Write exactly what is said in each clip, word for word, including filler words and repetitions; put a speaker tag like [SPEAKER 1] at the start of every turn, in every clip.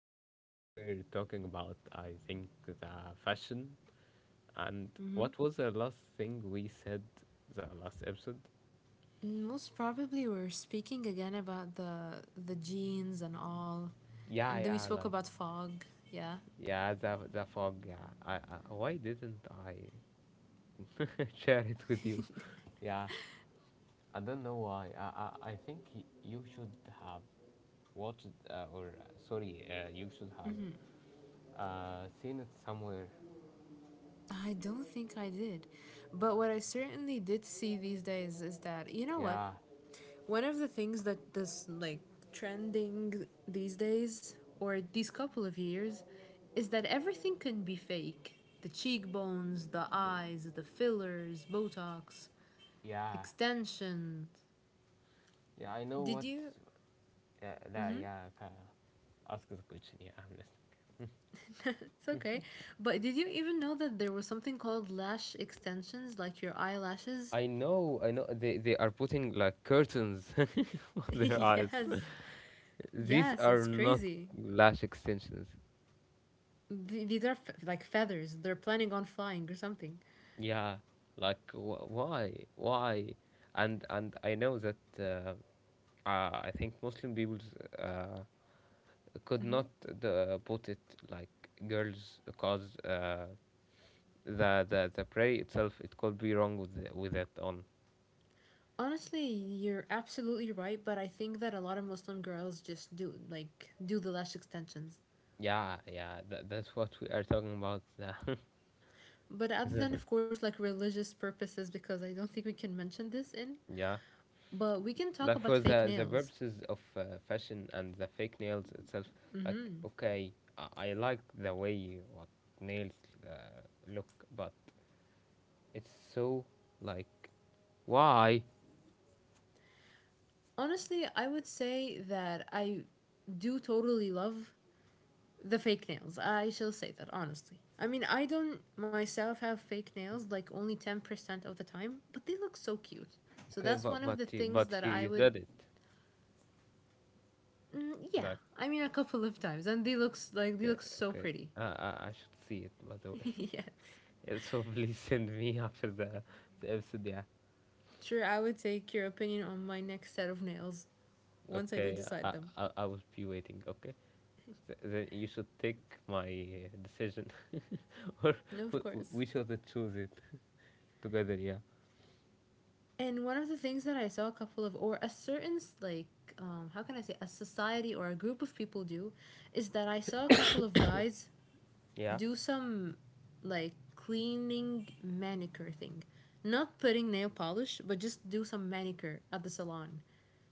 [SPEAKER 1] So, we were talking about, I think, the fashion. And
[SPEAKER 2] hmm
[SPEAKER 1] what was the last thing we said the last episode?
[SPEAKER 2] Most probably we're speaking again about the the genes and all.
[SPEAKER 1] Yeah,
[SPEAKER 2] And then we
[SPEAKER 1] yeah,
[SPEAKER 2] spoke
[SPEAKER 1] like
[SPEAKER 2] about fog, yeah.
[SPEAKER 1] yeah, the the fog. Yeah, I, I why didn't I share it with you? Yeah, I don't know why. I I, I think y- you should have watched uh, or uh, sorry, uh, you should have uh, seen it somewhere.
[SPEAKER 2] I don't think I did. But what I certainly did see these days is that, you know what?
[SPEAKER 1] Yeah,
[SPEAKER 2] One of the things that this like trending these days or these couple of years is that everything can be fake. The cheekbones, the
[SPEAKER 1] y-
[SPEAKER 2] eyes, the fillers, Botox,
[SPEAKER 1] yeah,
[SPEAKER 2] extensions.
[SPEAKER 1] yeah. I know
[SPEAKER 2] Did
[SPEAKER 1] what.
[SPEAKER 2] you?
[SPEAKER 1] Uh, yeah, yeah. ca- Ask the question. Yeah, I'm listening.
[SPEAKER 2] It's okay. But did you even know that there was something called lash extensions, like your eyelashes?
[SPEAKER 1] I know, I know. They they are putting like curtains on their eyes.
[SPEAKER 2] Yes.
[SPEAKER 1] These
[SPEAKER 2] Yes,
[SPEAKER 1] are
[SPEAKER 2] it's
[SPEAKER 1] not
[SPEAKER 2] crazy.
[SPEAKER 1] lash extensions.
[SPEAKER 2] th- these are f- like feathers. They're planning on flying or something.
[SPEAKER 1] Yeah, like wh- why, why? And and I know that uh, uh, I think Muslim people uh, could not uh, put it like girls, because uh, the the the prayer itself, it could be wrong with the, with it on.
[SPEAKER 2] Honestly, you're absolutely right, but I think that a lot of Muslim girls just do like do the lash extensions.
[SPEAKER 1] Yeah, yeah. That that's what we are talking about.
[SPEAKER 2] But other than of course like religious purposes, because I don't think we can mention this in,
[SPEAKER 1] yeah.
[SPEAKER 2] but we can talk
[SPEAKER 1] Like,
[SPEAKER 2] about
[SPEAKER 1] for
[SPEAKER 2] fake
[SPEAKER 1] the the
[SPEAKER 2] nails.
[SPEAKER 1] purposes of uh, fashion, and the fake nails itself, like okay, I, I like the way what nails uh, look, but it's so like, why?
[SPEAKER 2] Honestly, I would say that I do totally love the fake nails. I shall say that honestly. I mean, I don't myself have fake nails like only ten percent of the time, but they look so cute. So
[SPEAKER 1] Okay,
[SPEAKER 2] that's one
[SPEAKER 1] but
[SPEAKER 2] of the
[SPEAKER 1] but you-
[SPEAKER 2] things that
[SPEAKER 1] but you,
[SPEAKER 2] I
[SPEAKER 1] you
[SPEAKER 2] would
[SPEAKER 1] did it.
[SPEAKER 2] mm, yeah,
[SPEAKER 1] Like
[SPEAKER 2] I mean a couple of times, and they look like they
[SPEAKER 1] okay,
[SPEAKER 2] look so
[SPEAKER 1] okay.
[SPEAKER 2] pretty.
[SPEAKER 1] uh I I should see it by the way.
[SPEAKER 2] Yes.
[SPEAKER 1] yeah, so please send me after the the episode. Yeah.
[SPEAKER 2] Sure, I would take your opinion on my next set of nails once I do
[SPEAKER 1] Okay,
[SPEAKER 2] decide
[SPEAKER 1] I
[SPEAKER 2] them.
[SPEAKER 1] I I will be waiting. Okay. Th- Then you should take my uh, decision, or
[SPEAKER 2] No, of
[SPEAKER 1] w- w-
[SPEAKER 2] course.
[SPEAKER 1] we should choose it together. Yeah,
[SPEAKER 2] And one of the things that I saw a couple of, or a certain, like, um, how can I say, a society or a group of people do, is that I saw a couple of guys
[SPEAKER 1] yeah.
[SPEAKER 2] do some like cleaning manicure thing. Not putting nail polish, but just do some manicure at the salon.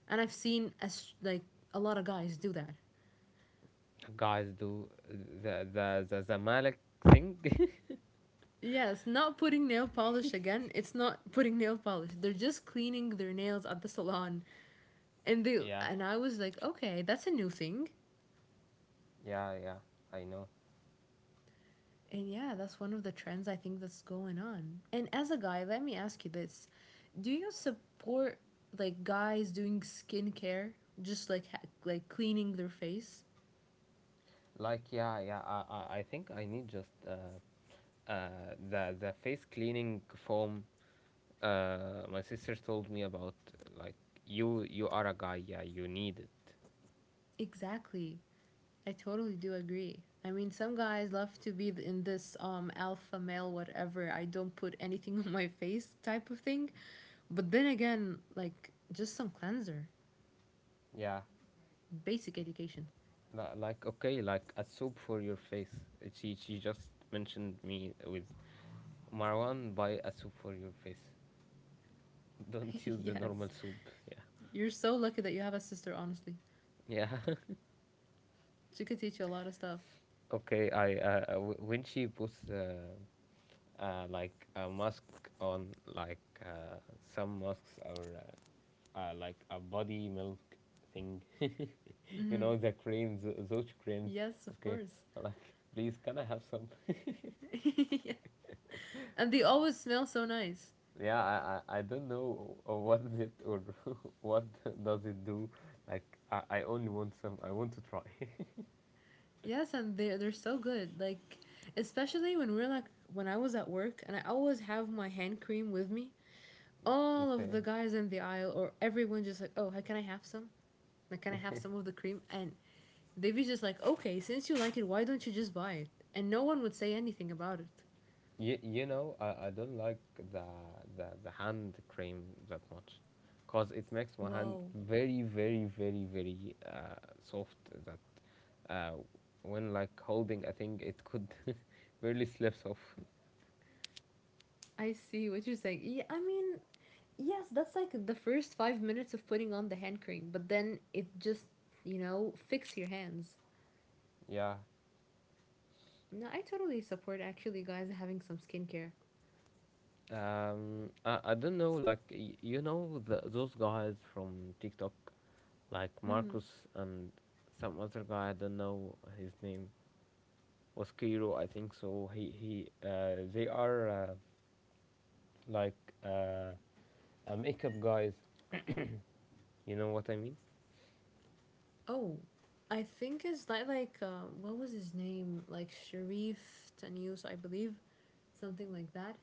[SPEAKER 2] And I've seen as like a lot of guys do that.
[SPEAKER 1] Guys, do the the the Zamalek thing.
[SPEAKER 2] Yes, not putting nail polish again. It's not putting nail polish. They're just cleaning their nails at the salon. And they
[SPEAKER 1] yeah,
[SPEAKER 2] and I was like, "Okay, that's a new thing."
[SPEAKER 1] yeah, yeah. I know.
[SPEAKER 2] And yeah, that's one of the trends I think that's going on. And as a guy, let me ask you this. Do you support like guys doing skincare, just like ha- like cleaning their face?
[SPEAKER 1] Like, yeah, yeah. I I, I think I need just uh, uh the the face cleaning foam. Uh, my sister told me about. Like, you you are a guy. Yeah, you need it.
[SPEAKER 2] Exactly. I totally do agree. I mean, some guys love to be in this um alpha male whatever. I don't put anything on my face type of thing. But then again, like just some cleanser,
[SPEAKER 1] Yeah,
[SPEAKER 2] basic education.
[SPEAKER 1] Li- like okay, like a soap for your face. Uh, She she just mentioned me with Marwan. Buy a soap for your face. Don't use the
[SPEAKER 2] Yes.
[SPEAKER 1] normal soap. Yeah,
[SPEAKER 2] You're so lucky that you have a sister, honestly.
[SPEAKER 1] yeah.
[SPEAKER 2] She could teach you a lot of stuff.
[SPEAKER 1] okay, I uh, uh, w- when she puts uh, uh, like a mask on, like uh, some masks are uh, uh, like a body milk thing. you
[SPEAKER 2] hmm
[SPEAKER 1] know the creams, those creams.
[SPEAKER 2] Yes, of
[SPEAKER 1] Okay,
[SPEAKER 2] course.
[SPEAKER 1] like please, can I have some?
[SPEAKER 2] Yeah. And they always smell so nice.
[SPEAKER 1] Yeah, I, I, I don't know uh, what is it or what does it do. Like I, I only want some. I want to try.
[SPEAKER 2] Yes, and they they're so good. Like especially when we're like when I was at work and I always have my hand cream with me. All of
[SPEAKER 1] okay.
[SPEAKER 2] the guys in the aisle or everyone just like, "Oh, can I have some? Like can I have some of the cream?" And they'd be just like, "Okay, since you like it, why don't you just buy it?" And no one would say anything about it.
[SPEAKER 1] You, you know I, I don't like the, the the hand cream that much, cause it makes my hand
[SPEAKER 2] Wow.
[SPEAKER 1] very very very very uh, soft. That uh, when like holding a thing, it could barely slips off.
[SPEAKER 2] I see what you're saying. Yeah, I mean, yes, that's like the first five minutes of putting on the hand cream, but then it just, you know, fix your hands.
[SPEAKER 1] Yeah.
[SPEAKER 2] No, I totally support actually guys having some skincare.
[SPEAKER 1] Um. I, I don't know. Like y- you know the, those guys from TikTok, like Marcus and some other guy. I don't know his name, was Kiro, I think. So he he uh, they are uh, like uh, uh, makeup guys. You know what I mean?
[SPEAKER 2] Oh, I think it's that like uh, what was his name? Like Sharif Tanus, I believe, something like that.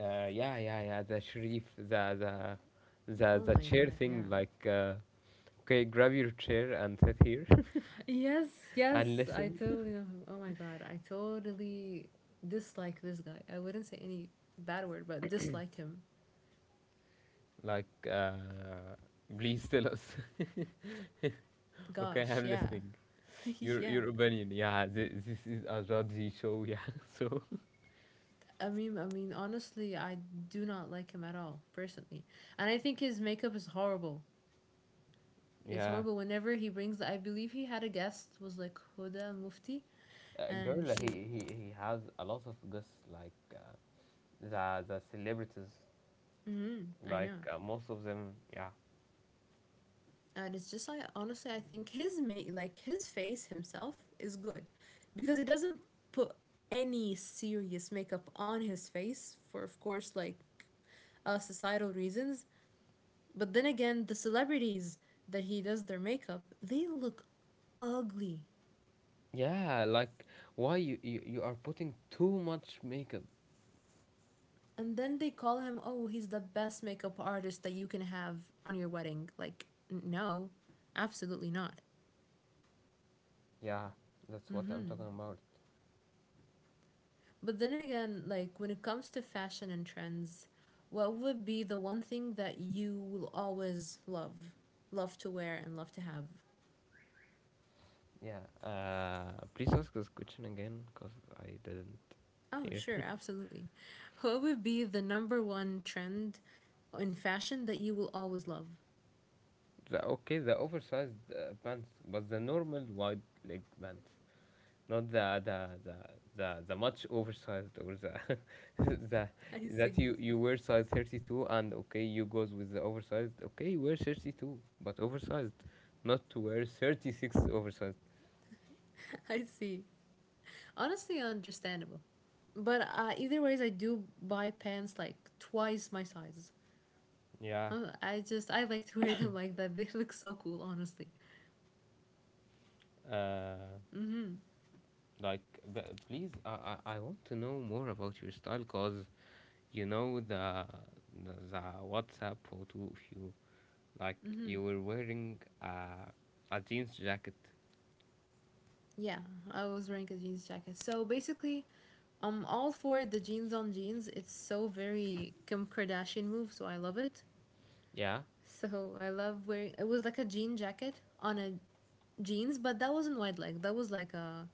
[SPEAKER 1] Uh, yeah, yeah, yeah. The Sharif, the the the
[SPEAKER 2] Oh
[SPEAKER 1] the
[SPEAKER 2] my
[SPEAKER 1] chair
[SPEAKER 2] god, yeah.
[SPEAKER 1] thing. Like uh, okay, grab your chair and sit here
[SPEAKER 2] Yes,
[SPEAKER 1] and
[SPEAKER 2] yes, I
[SPEAKER 1] listen.
[SPEAKER 2] totally know him. Oh my god, I totally dislike this guy. I wouldn't say any bad word, but dislike him.
[SPEAKER 1] Like uh, please tell us. okay,
[SPEAKER 2] Gosh,
[SPEAKER 1] I'm
[SPEAKER 2] yeah.
[SPEAKER 1] listening. Your
[SPEAKER 2] Yeah.
[SPEAKER 1] your opinion. Yeah, this, this is a Raji show. Yeah, so.
[SPEAKER 2] I mean, I mean, honestly, I do not like him at all, personally. And I think his makeup is horrible. It's
[SPEAKER 1] Yeah,
[SPEAKER 2] horrible whenever he brings. I believe he had a guest was like Huda Mufti,
[SPEAKER 1] uh,
[SPEAKER 2] and
[SPEAKER 1] girl, he,
[SPEAKER 2] she.
[SPEAKER 1] he he has a lot of guests, like uh, the the celebrities,
[SPEAKER 2] Mm, I know,
[SPEAKER 1] like uh, most of them. Yeah,
[SPEAKER 2] and it's just like honestly, I think his ma- like his face himself is good, because it doesn't put any serious makeup on his face for, of course, like, uh, societal reasons. But then again, the celebrities that he does their makeup, they look ugly.
[SPEAKER 1] yeah, like why you, you you are putting too much makeup?
[SPEAKER 2] And then they call him, oh, he's the best makeup artist that you can have on your wedding. Like, no, absolutely not.
[SPEAKER 1] Yeah, that's what I'm talking about.
[SPEAKER 2] But then again, like, when it comes to fashion and trends, what would be the one thing that you will always love, love to wear, and love to have?
[SPEAKER 1] Yeah, uh, please ask this question again, cause I didn't
[SPEAKER 2] Oh,
[SPEAKER 1] hear.
[SPEAKER 2] sure, absolutely. What would be the number one trend in fashion that you will always love?
[SPEAKER 1] The okay, the oversized uh, pants, but the normal wide leg pants. Not the the the the, the much oversized or the the
[SPEAKER 2] I
[SPEAKER 1] that
[SPEAKER 2] see.
[SPEAKER 1] you you wear size thirty-two and okay you goes with the oversized, okay, you wear thirty-two but oversized, not to wear thirty-six oversized,
[SPEAKER 2] I see. Honestly, understandable. But uh, either ways, I do buy pants like twice my size.
[SPEAKER 1] yeah,
[SPEAKER 2] Uh, I just I like to wear them like that. They look so cool, honestly.
[SPEAKER 1] like, but please, I, I I want to know more about your style, cause you know the the, the WhatsApp photo of you, like you were wearing uh, a jeans jacket,
[SPEAKER 2] Yeah, I was wearing a jeans jacket. So basically, I'm all for the jeans on jeans. It's so very Kim Kardashian move, so I love it.
[SPEAKER 1] yeah,
[SPEAKER 2] So I love wearing. It was like a jean jacket on a jeans, but that wasn't wide leg. That was like a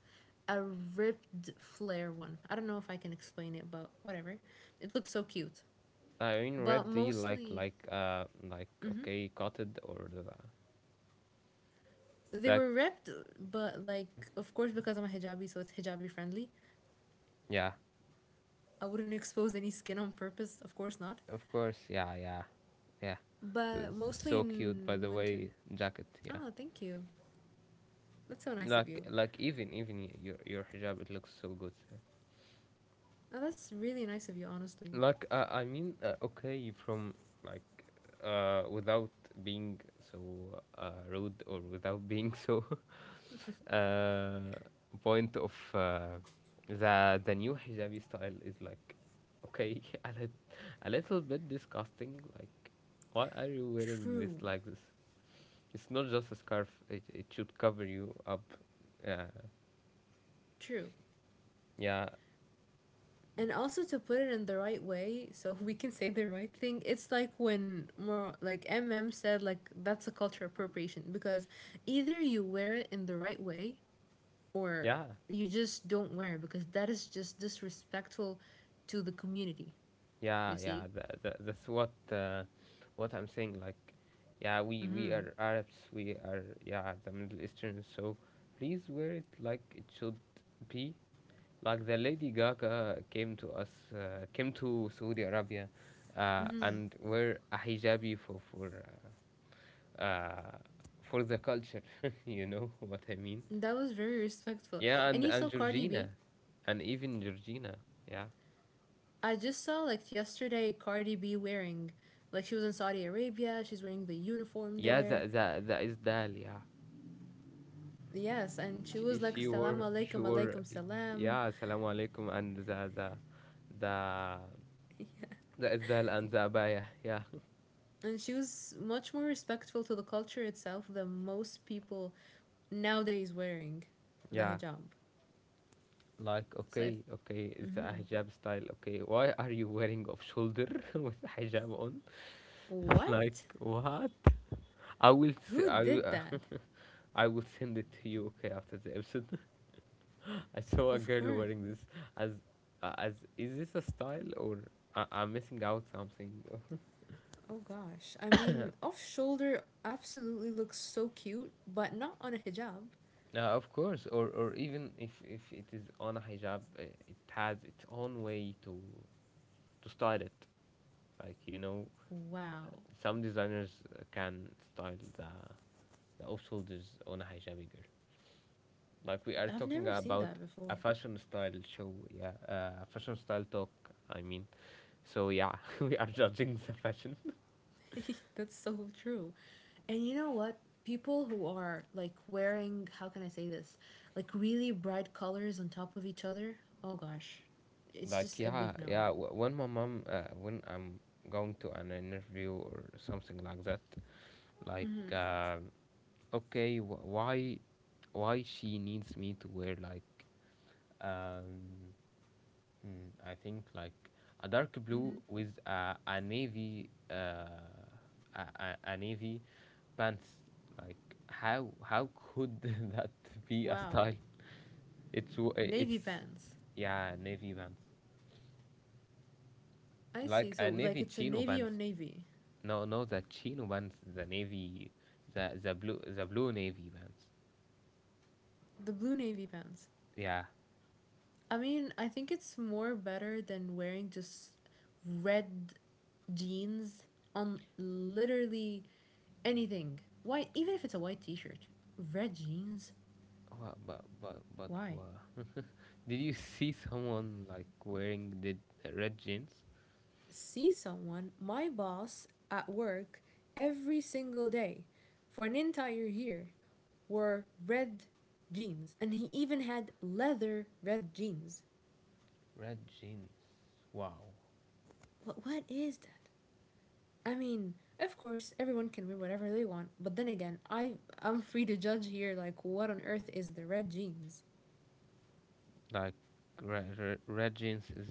[SPEAKER 2] a ripped flare one. I don't know if I can explain it, but whatever. It looked so cute.
[SPEAKER 1] I mean,
[SPEAKER 2] But
[SPEAKER 1] red D like
[SPEAKER 2] mostly
[SPEAKER 1] like uh like okay cotted or the,
[SPEAKER 2] they
[SPEAKER 1] like
[SPEAKER 2] were ripped, but like of course because I'm a hijabi, so it's hijabi friendly.
[SPEAKER 1] yeah,
[SPEAKER 2] I wouldn't expose any skin on purpose, of course not.
[SPEAKER 1] of course, yeah, yeah, yeah.
[SPEAKER 2] But
[SPEAKER 1] This is
[SPEAKER 2] mostly
[SPEAKER 1] so cute by
[SPEAKER 2] in
[SPEAKER 1] the
[SPEAKER 2] winter.
[SPEAKER 1] way jacket, yeah,
[SPEAKER 2] Oh, thank you. That's so nice of
[SPEAKER 1] like
[SPEAKER 2] you.
[SPEAKER 1] like even even y- your your hijab, it looks so good,
[SPEAKER 2] Oh, that's really nice of you, honestly.
[SPEAKER 1] like uh, I mean, uh, okay, from, like uh, without being so uh, rude or without being so uh, point of uh, the the new hijabi style is like okay, a, lit- a little bit disgusting. Like, why are you wearing this
[SPEAKER 2] True.
[SPEAKER 1] like this? It's not just a scarf. It it should cover you up. Uh,
[SPEAKER 2] True.
[SPEAKER 1] yeah,
[SPEAKER 2] And also to put it in the right way, so we can say the right thing. It's like when more like M M said, like that's a culture appropriation because either you wear it in the right way, or
[SPEAKER 1] yeah.
[SPEAKER 2] you just don't wear it, because that is just disrespectful to the community,
[SPEAKER 1] Yeah,
[SPEAKER 2] you
[SPEAKER 1] yeah,
[SPEAKER 2] see.
[SPEAKER 1] that, that, that's what uh, what I'm saying. Like, yeah, we we
[SPEAKER 2] Mm-hmm.
[SPEAKER 1] are Arabs, we are yeah the Middle Eastern. So please wear it like it should be. Like, the Lady Gaga came to us, uh, came to Saudi Arabia, uh,
[SPEAKER 2] Mm-hmm.
[SPEAKER 1] and wear a hijabi for for uh, for the culture. you know what I mean?
[SPEAKER 2] That was very respectful.
[SPEAKER 1] Yeah, and
[SPEAKER 2] And you
[SPEAKER 1] and
[SPEAKER 2] saw Cardi B.
[SPEAKER 1] Georgina, and even Georgina. Yeah,
[SPEAKER 2] I just saw like yesterday Cardi B wearing, like she was in Saudi Arabia, she's wearing the uniform
[SPEAKER 1] yeah, the
[SPEAKER 2] there.
[SPEAKER 1] the the Isdal. Yeah.
[SPEAKER 2] Yes, and she
[SPEAKER 1] she,
[SPEAKER 2] was like
[SPEAKER 1] she
[SPEAKER 2] "Assalamu
[SPEAKER 1] were she
[SPEAKER 2] alaikum,
[SPEAKER 1] were
[SPEAKER 2] alaikum salam,"
[SPEAKER 1] yeah, assalamu alaikum, and the the the the izdal and the abaya, yeah,
[SPEAKER 2] and she was much more respectful to the culture itself than most people nowadays wearing the
[SPEAKER 1] yeah,
[SPEAKER 2] hijab.
[SPEAKER 1] like
[SPEAKER 2] So, I,
[SPEAKER 1] okay, okay, it's a
[SPEAKER 2] mm
[SPEAKER 1] hijab style, okay, why are you wearing off shoulder with hijab on? like
[SPEAKER 2] what?
[SPEAKER 1] what I will s-
[SPEAKER 2] Who
[SPEAKER 1] I
[SPEAKER 2] did
[SPEAKER 1] will-
[SPEAKER 2] that?
[SPEAKER 1] I will send it to you, okay, after the episode. I saw a
[SPEAKER 2] Of
[SPEAKER 1] girl
[SPEAKER 2] course.
[SPEAKER 1] wearing this as uh, as is this a style, or I, I'm missing out something?
[SPEAKER 2] Oh gosh. I mean, off shoulder absolutely looks so cute, but not on a hijab.
[SPEAKER 1] Uh, of course, or or even if if it is on a hijab, uh, it has its own way to to style it. Like you know,
[SPEAKER 2] Wow.
[SPEAKER 1] some designers uh, can style the the off shoulders on a hijabi girl. Like, we are
[SPEAKER 2] I've
[SPEAKER 1] talking
[SPEAKER 2] never seen that
[SPEAKER 1] about
[SPEAKER 2] before.
[SPEAKER 1] a fashion style show, yeah, uh, a fashion style talk. I mean, so yeah, we are judging the fashion.
[SPEAKER 2] That's so true. And you know what? People who are like wearing, how can I say this? Like really bright colors on top of each other. Oh gosh. It's
[SPEAKER 1] like
[SPEAKER 2] just a
[SPEAKER 1] yeah,
[SPEAKER 2] big no.
[SPEAKER 1] yeah. wh- When my mom, uh, when I'm going to an interview or something like that, like.
[SPEAKER 2] Mm-hmm.
[SPEAKER 1] Uh, okay, wh- why why she needs me to wear like um mm, I think like a dark
[SPEAKER 2] Mm-hmm.
[SPEAKER 1] blue with a, a navy uh a, a, a navy pants, like, how how could that be a
[SPEAKER 2] Wow.
[SPEAKER 1] style, it's w-
[SPEAKER 2] Navy
[SPEAKER 1] it's
[SPEAKER 2] pants.
[SPEAKER 1] yeah navy pants
[SPEAKER 2] I see.
[SPEAKER 1] like a
[SPEAKER 2] So like
[SPEAKER 1] navy
[SPEAKER 2] it's a
[SPEAKER 1] chino
[SPEAKER 2] navy on
[SPEAKER 1] pants,
[SPEAKER 2] navy.
[SPEAKER 1] no no the chino pants the navy the the blue the blue navy pants,
[SPEAKER 2] The blue navy pants.
[SPEAKER 1] yeah.
[SPEAKER 2] I mean, I think it's more better than wearing just red jeans on literally anything. Why even if it's a white t-shirt. Red jeans?
[SPEAKER 1] Wha but but but
[SPEAKER 2] Why?
[SPEAKER 1] wha- Did you see someone like wearing the the red jeans?
[SPEAKER 2] See someone, my boss, at work every single day for an entire year wore red jeans. And he even had leather red jeans.
[SPEAKER 1] Red jeans. Wow.
[SPEAKER 2] What, what is that? I mean, of course, everyone can wear whatever they want, but then again, I I'm free to judge here like what on earth is the red jeans?
[SPEAKER 1] Like red, red, red jeans is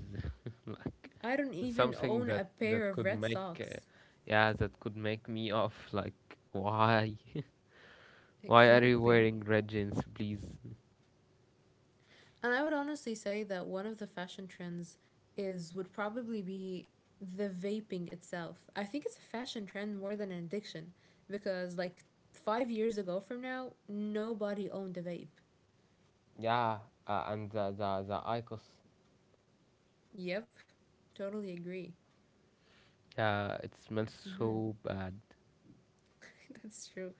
[SPEAKER 1] like
[SPEAKER 2] I don't even
[SPEAKER 1] something
[SPEAKER 2] own
[SPEAKER 1] that
[SPEAKER 2] a pair
[SPEAKER 1] that
[SPEAKER 2] of
[SPEAKER 1] could
[SPEAKER 2] red
[SPEAKER 1] make uh,
[SPEAKER 2] socks.
[SPEAKER 1] yeah, that could make me off, like why? why are you
[SPEAKER 2] Exactly.
[SPEAKER 1] wearing red jeans, please?
[SPEAKER 2] And I would honestly say that one of the fashion trends is would probably be the vaping itself. I think it's a fashion trend more than an addiction because like five years ago from now nobody owned a vape.
[SPEAKER 1] Yeah, uh, and the the the Icos.
[SPEAKER 2] Yep. Totally agree.
[SPEAKER 1] Yeah, it smells
[SPEAKER 2] Mhm.
[SPEAKER 1] so bad.
[SPEAKER 2] That's true.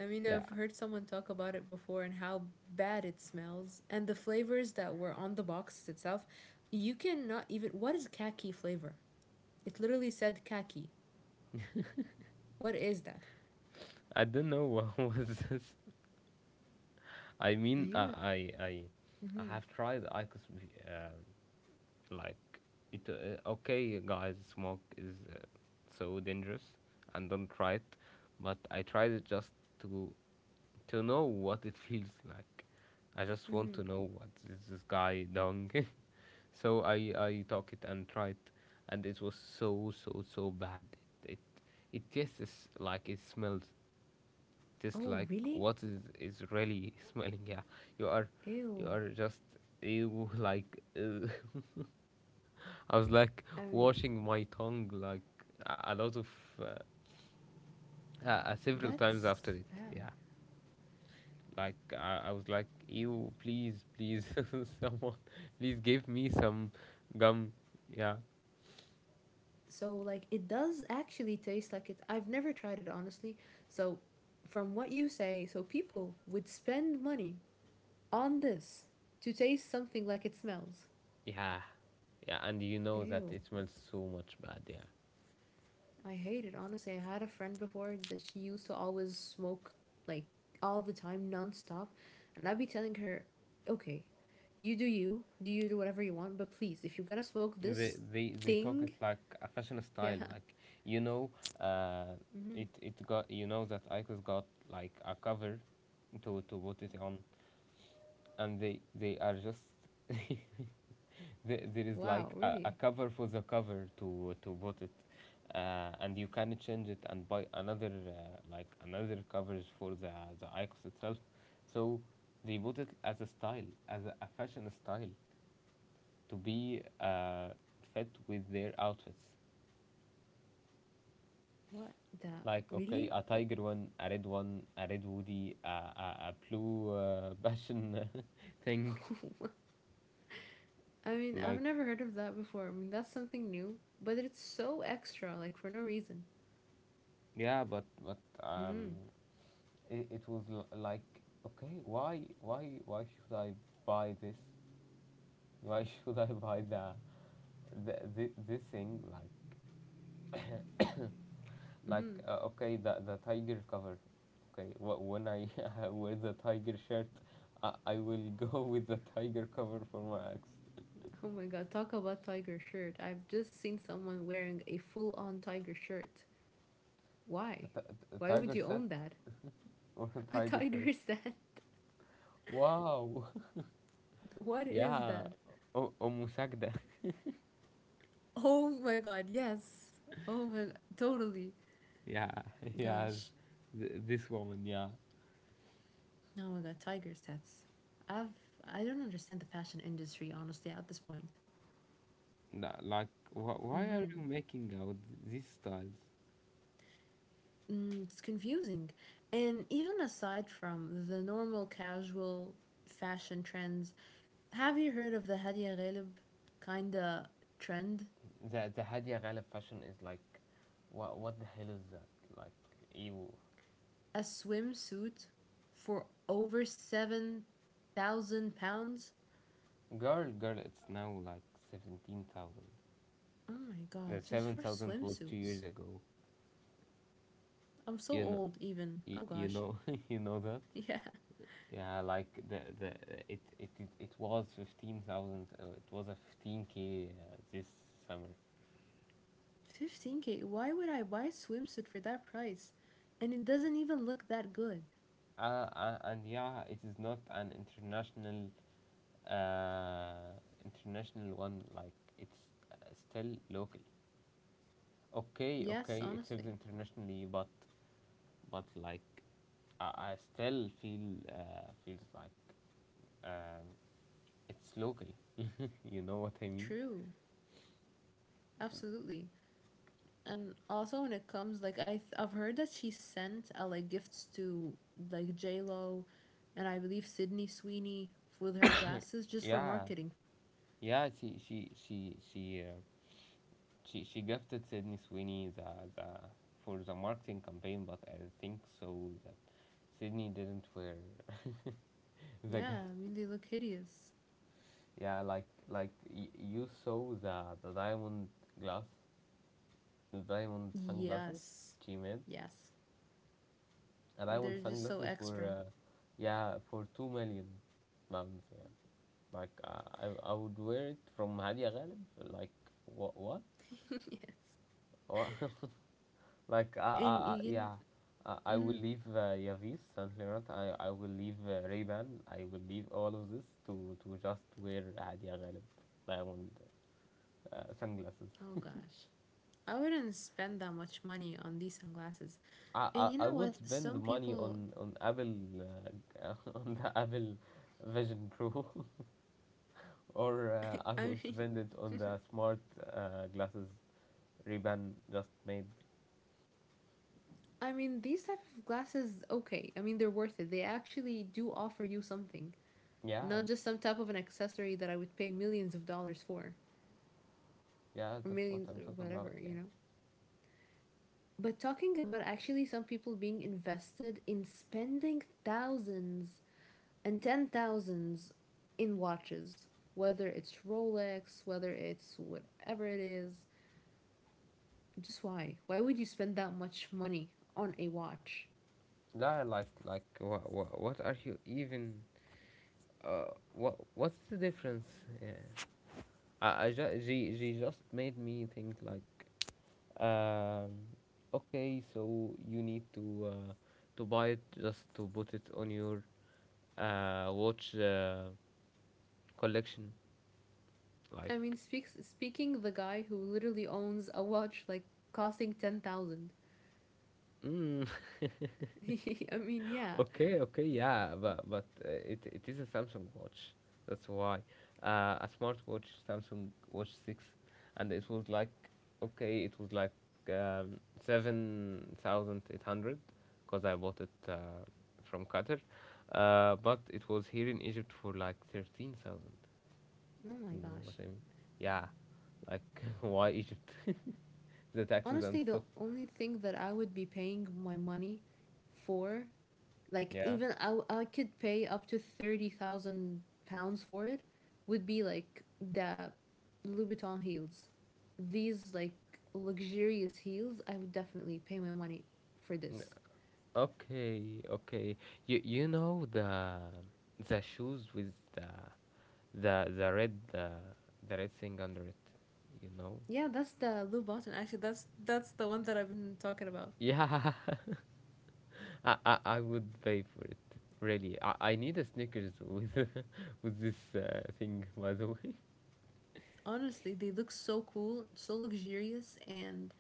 [SPEAKER 2] I mean,
[SPEAKER 1] Yeah,
[SPEAKER 2] I've heard someone talk about it before and how bad it smells and the flavors that were on the boxes itself. You cannot even what is khaki flavor? It literally said khaki. What is that?
[SPEAKER 1] I don't know what was this. I
[SPEAKER 2] Now
[SPEAKER 1] mean, uh,
[SPEAKER 2] you
[SPEAKER 1] I I I
[SPEAKER 2] Mm-hmm.
[SPEAKER 1] have tried I Q O S, be- uh, like it. Uh, okay, guys, smoke is uh, so dangerous, and don't try it. But I tried it just to to know what it feels like. I just want
[SPEAKER 2] Mm-hmm.
[SPEAKER 1] to know what is this guy doing. so I I took it and tried, and it was so so so bad. It it, it tastes like it smells, just
[SPEAKER 2] Oh,
[SPEAKER 1] like
[SPEAKER 2] really?
[SPEAKER 1] what is is really smelling, yeah, you are you
[SPEAKER 2] Ew.
[SPEAKER 1] are just you, like uh, I was like
[SPEAKER 2] I mean,
[SPEAKER 1] washing my tongue like a a lot of uh, uh, uh, several times
[SPEAKER 2] that's
[SPEAKER 1] after it,
[SPEAKER 2] bad.
[SPEAKER 1] yeah, like I, I was like, you please please someone please give me some gum, yeah,
[SPEAKER 2] So, like, it does actually taste like it. I've never tried it, honestly. So, from what you say, so people would spend money on this to taste something like it smells.
[SPEAKER 1] yeah, yeah, and you know that
[SPEAKER 2] Ew.
[SPEAKER 1] it smells so much bad, yeah,
[SPEAKER 2] I hate it, honestly. I had a friend before that she used to always smoke like all the time, nonstop. And I'd be telling her, okay, you do you, do you do whatever you want, but please, if you're gonna smoke
[SPEAKER 1] they
[SPEAKER 2] this
[SPEAKER 1] they they talk it
[SPEAKER 2] thing,
[SPEAKER 1] like a fashion
[SPEAKER 2] yeah.
[SPEAKER 1] style, like you know uh it
[SPEAKER 2] hmm
[SPEAKER 1] it got, you know, that Icos got like a cover to to put it on, and they they are just there, there is
[SPEAKER 2] Wow,
[SPEAKER 1] like a, a
[SPEAKER 2] really?
[SPEAKER 1] cover for the cover to to put it, uh, and you can change it and buy another uh, like another covers for the the Icos itself, so they put it as a style, as a, a fashion style to be uh, fit with their outfits.
[SPEAKER 2] What that?
[SPEAKER 1] Like okay,
[SPEAKER 2] Really?
[SPEAKER 1] a tiger one, a red one, a red woody, a a, a blue uh, passion thing.
[SPEAKER 2] I mean, I've
[SPEAKER 1] Like
[SPEAKER 2] never heard of that before. I mean, that's something new, but it's so extra, like for no reason.
[SPEAKER 1] yeah, but but um,
[SPEAKER 2] hmm
[SPEAKER 1] it, it was l- like okay, why why why should I buy this? Why should I buy the, the, the this thing? Like like
[SPEAKER 2] hmm
[SPEAKER 1] uh, okay the the tiger cover. Okay, wh- when I wear the tiger shirt, I, I will go with the tiger cover for my ex,
[SPEAKER 2] Oh my god, talk about tiger shirt. I've just seen someone wearing a full on tiger shirt. Why?
[SPEAKER 1] t- t-
[SPEAKER 2] Why
[SPEAKER 1] tiger
[SPEAKER 2] would you
[SPEAKER 1] set,
[SPEAKER 2] own that?
[SPEAKER 1] or a
[SPEAKER 2] A
[SPEAKER 1] tiger shirt.
[SPEAKER 2] tiger's den?
[SPEAKER 1] Wow.
[SPEAKER 2] What is
[SPEAKER 1] yeah.
[SPEAKER 2] that?
[SPEAKER 1] O- omusagda.
[SPEAKER 2] Oh my god, yes. Oh my god, totally.
[SPEAKER 1] yeah. yeah.
[SPEAKER 2] Gosh.
[SPEAKER 1] Th- this woman, yeah.
[SPEAKER 2] Oh my god, tiger sets. I've I don't understand the fashion industry honestly at this point.
[SPEAKER 1] Nah, like wh- why are
[SPEAKER 2] Mm-hmm.
[SPEAKER 1] you making out these styles?
[SPEAKER 2] Mm, it's confusing. And even aside from the normal casual fashion trends, have you heard of the Hadia Ghalib kinda trend?
[SPEAKER 1] The the Hadia Ghalib fashion is like, what what the hell is that? Like, ew.
[SPEAKER 2] A swimsuit for over seven thousand pounds?
[SPEAKER 1] Girl, girl, it's now like seventeen thousand.
[SPEAKER 2] Oh my
[SPEAKER 1] The
[SPEAKER 2] god, just for
[SPEAKER 1] seven thousand was two
[SPEAKER 2] swimsuits.
[SPEAKER 1] years ago.
[SPEAKER 2] I'm so
[SPEAKER 1] You know,
[SPEAKER 2] old, even.
[SPEAKER 1] you,
[SPEAKER 2] Oh
[SPEAKER 1] you
[SPEAKER 2] gosh.
[SPEAKER 1] know, you know that?
[SPEAKER 2] Yeah.
[SPEAKER 1] Yeah, like the the it it it, it was fifteen thousand. Uh, it was a fifteen k uh, this summer.
[SPEAKER 2] fifteen k, why would I buy a swimsuit for that price? And it doesn't even look that good.
[SPEAKER 1] Uh, uh, and yeah, it is not an international uh international one, like it's uh, still local. Okay,
[SPEAKER 2] Yes,
[SPEAKER 1] okay, it
[SPEAKER 2] honestly.
[SPEAKER 1] sells internationally, but but like, I, I still feel uh, feels like, um, it's local. You know what I mean?
[SPEAKER 2] True. Absolutely. And also when it comes like I th- I've heard that she sent uh, like gifts to like J Lo, and I believe Sydney Sweeney with her glasses just for
[SPEAKER 1] Yeah,
[SPEAKER 2] marketing.
[SPEAKER 1] yeah. She she she she uh, she she gifted Sydney Sweeney the the for the marketing campaign, but I think so that Sydney didn't wear the
[SPEAKER 2] Yeah,
[SPEAKER 1] gift.
[SPEAKER 2] I mean they look hideous.
[SPEAKER 1] Yeah, like like y- you saw the the diamond glass, the diamond sunglasses
[SPEAKER 2] Yes,
[SPEAKER 1] she made.
[SPEAKER 2] yes,
[SPEAKER 1] And I want
[SPEAKER 2] they're just so
[SPEAKER 1] sunglasses for,
[SPEAKER 2] extra.
[SPEAKER 1] uh, yeah, for two million pounds. Yeah, like uh, I I would wear it from Hadia Ghalib. Like what what what? Like I I,
[SPEAKER 2] And you
[SPEAKER 1] I
[SPEAKER 2] can,
[SPEAKER 1] yeah. I I will
[SPEAKER 2] mm,
[SPEAKER 1] leave uh, Yavis and Leonard. I, I will leave uh, Ray-Ban. I will leave all of this to, to just wear Hadia Ghalib diamond uh, sunglasses.
[SPEAKER 2] oh gosh, I wouldn't spend that much money on these sunglasses.
[SPEAKER 1] I, I
[SPEAKER 2] And you
[SPEAKER 1] I
[SPEAKER 2] know
[SPEAKER 1] would
[SPEAKER 2] what?
[SPEAKER 1] spend
[SPEAKER 2] Some
[SPEAKER 1] money
[SPEAKER 2] people,
[SPEAKER 1] on on Apple, uh, on the Apple Vision Pro. Or uh, I
[SPEAKER 2] I
[SPEAKER 1] would
[SPEAKER 2] mean.
[SPEAKER 1] spend it on the smart uh, glasses Ray-Ban just made.
[SPEAKER 2] I mean, these type of glasses, okay. I mean, they're worth it. They actually do offer you something,
[SPEAKER 1] Yeah,
[SPEAKER 2] not just some type of an accessory that I would pay millions of dollars for,
[SPEAKER 1] yeah,
[SPEAKER 2] or
[SPEAKER 1] that's what
[SPEAKER 2] millions,
[SPEAKER 1] I'm
[SPEAKER 2] or
[SPEAKER 1] talking about.
[SPEAKER 2] whatever, you
[SPEAKER 1] Yeah,
[SPEAKER 2] know. But talking about actually some people being invested in spending thousands and ten thousands in watches, whether it's Rolex, whether it's whatever it is, just why? Why would you spend that much money on a watch?
[SPEAKER 1] yeah, like like what what, what are you even? Uh, what what's the difference? Yeah, I, I ju- she she just made me think like, um, okay, so you need to uh, to buy it just to put it on your uh watch uh, collection, like.
[SPEAKER 2] I mean, speaks speaking the guy who literally owns a watch like costing ten thousand.
[SPEAKER 1] Mm.
[SPEAKER 2] I mean, yeah.
[SPEAKER 1] Okay, okay, yeah, but but uh, it it is a Samsung watch. That's why uh, a smartwatch, Samsung Watch Six, and it was like okay, it was like um, seven thousand eight hundred because I bought it uh, from Qatar, uh, but it was here in Egypt for like thirteen thousand.
[SPEAKER 2] Oh my
[SPEAKER 1] You know
[SPEAKER 2] gosh.
[SPEAKER 1] what I mean? Yeah, like why Egypt? The taxes
[SPEAKER 2] Honestly,
[SPEAKER 1] and
[SPEAKER 2] the
[SPEAKER 1] stuff.
[SPEAKER 2] only thing that I would be paying my money for, like
[SPEAKER 1] Yeah.
[SPEAKER 2] even I, I could pay up to thirty thousand pounds for it would be like the Louboutin heels. These like luxurious heels, I would definitely pay my money for this.
[SPEAKER 1] Okay, okay. You you know the the shoes with the the the red uh, the red thing under it, you know?
[SPEAKER 2] Yeah, that's the Louboutin. Actually, that's that's the one that I've been talking about.
[SPEAKER 1] Yeah, I, I I would pay for it. Really, I, I need a Snickers with with this uh, thing. By the way,
[SPEAKER 2] Honestly, they look so cool, so luxurious, and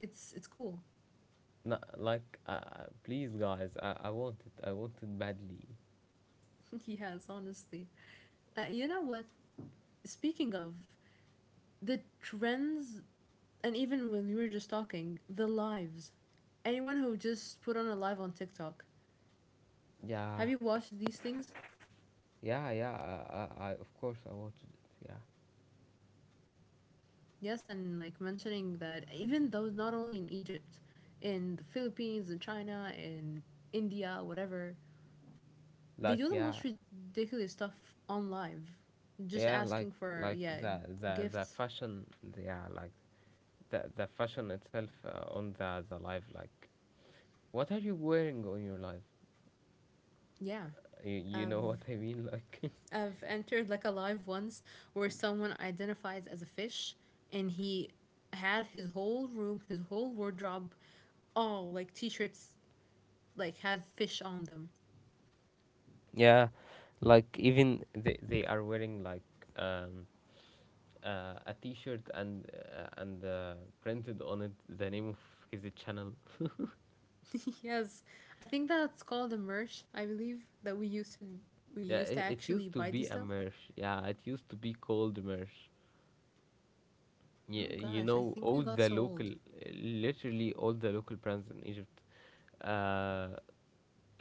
[SPEAKER 2] it's it's cool.
[SPEAKER 1] no, like, uh, please guys, I, I want it. I want it badly.
[SPEAKER 2] yes, honestly. Uh, you know what? Speaking of the trends and even when we were just talking, the lives. Anyone who just put on a live on TikTok.
[SPEAKER 1] Yeah,
[SPEAKER 2] Have you watched these things?
[SPEAKER 1] yeah, yeah. I, I, I of course I wanted it. Yeah,
[SPEAKER 2] Yes, and like mentioning that even though not only in Egypt, in the Philippines, in China, in India, whatever, they
[SPEAKER 1] like
[SPEAKER 2] do the
[SPEAKER 1] yeah,
[SPEAKER 2] most ridiculous stuff on live. Just
[SPEAKER 1] yeah, like
[SPEAKER 2] asking for,
[SPEAKER 1] like
[SPEAKER 2] yeah,
[SPEAKER 1] the the the
[SPEAKER 2] gifts.
[SPEAKER 1] fashion. Yeah, like the the fashion itself uh, on the the live. Like, what are you wearing on your live?
[SPEAKER 2] Yeah.
[SPEAKER 1] You, you
[SPEAKER 2] I've
[SPEAKER 1] know what I mean? Like
[SPEAKER 2] I've entered like a live once where someone identifies as a fish and he had his whole room, his whole wardrobe, all like t shirts, like had fish on them.
[SPEAKER 1] yeah, like even they they are wearing like um uh, a t-shirt and uh, and uh, printed on it the name of his channel.
[SPEAKER 2] yes, I think that's called a merch, I believe, that we used to we
[SPEAKER 1] Yeah
[SPEAKER 2] used to
[SPEAKER 1] it, it
[SPEAKER 2] actually
[SPEAKER 1] used
[SPEAKER 2] buy
[SPEAKER 1] to
[SPEAKER 2] these
[SPEAKER 1] be a
[SPEAKER 2] stuff.
[SPEAKER 1] merch Yeah, it used to be called merch.
[SPEAKER 2] Oh
[SPEAKER 1] Yeah, you
[SPEAKER 2] gosh, I
[SPEAKER 1] know
[SPEAKER 2] think we
[SPEAKER 1] all
[SPEAKER 2] got
[SPEAKER 1] the
[SPEAKER 2] so old.
[SPEAKER 1] local, literally all the local brands in Egypt, uh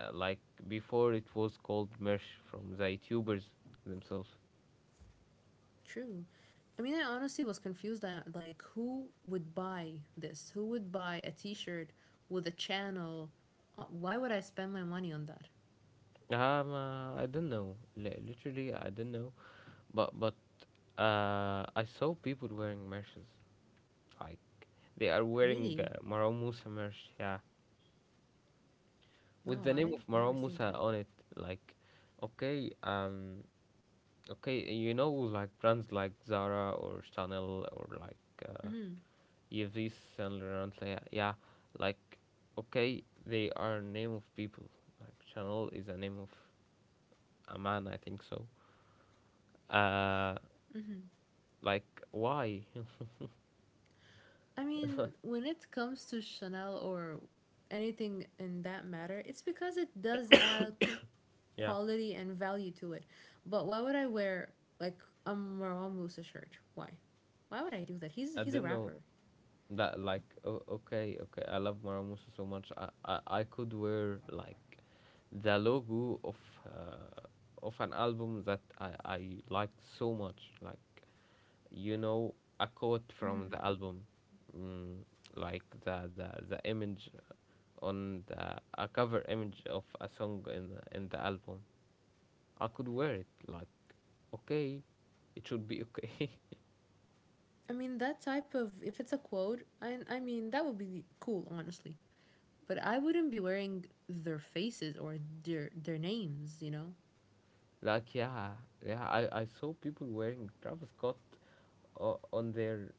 [SPEAKER 1] Uh, like before, it was called merch from the YouTubers themselves.
[SPEAKER 2] True. I mean, I honestly was confused that like who would buy this? Who would buy a T-shirt with a channel? Uh, why would I spend my money on that?
[SPEAKER 1] Um, uh, I don't know. Li- literally, I don't know. But but uh, I saw people wearing merches. Like they are wearing
[SPEAKER 2] Really?
[SPEAKER 1] uh, Marwan Musa merch. Yeah, with
[SPEAKER 2] Wow,
[SPEAKER 1] the name
[SPEAKER 2] I
[SPEAKER 1] of
[SPEAKER 2] never
[SPEAKER 1] Marwan
[SPEAKER 2] seen
[SPEAKER 1] Musa
[SPEAKER 2] that.
[SPEAKER 1] on it. Like, okay, um, okay, you know, like brands like Zara or Chanel or like uh,
[SPEAKER 2] Hmm.
[SPEAKER 1] Yves Saint Laurent, like, yeah, yeah, like, okay, they are name of people. Like Chanel is a name of a man, I think so. Uh, like, why?
[SPEAKER 2] I mean, when it comes to Chanel or anything in that matter, it's because it does add
[SPEAKER 1] Yeah,
[SPEAKER 2] quality and value to it. But why would I wear like a Marwan Musa shirt? Why? Why would I do that? He's
[SPEAKER 1] I
[SPEAKER 2] he's a
[SPEAKER 1] didn't know
[SPEAKER 2] rapper.
[SPEAKER 1] that. Like, oh, okay, okay, I love Maramusa so much. I, I I could wear like the logo of uh, of an album that I I like so much. Like, you know, a quote from the album. Mm, like the, the the image on the a cover image of a song in in the album, I could wear it. Like, okay, it should be okay.
[SPEAKER 2] I mean, that type of, if it's a quote, I I mean that would be cool, honestly. But I wouldn't be wearing their faces or their their names, you know.
[SPEAKER 1] Like, yeah, yeah. I I saw people wearing Travis Scott o- on their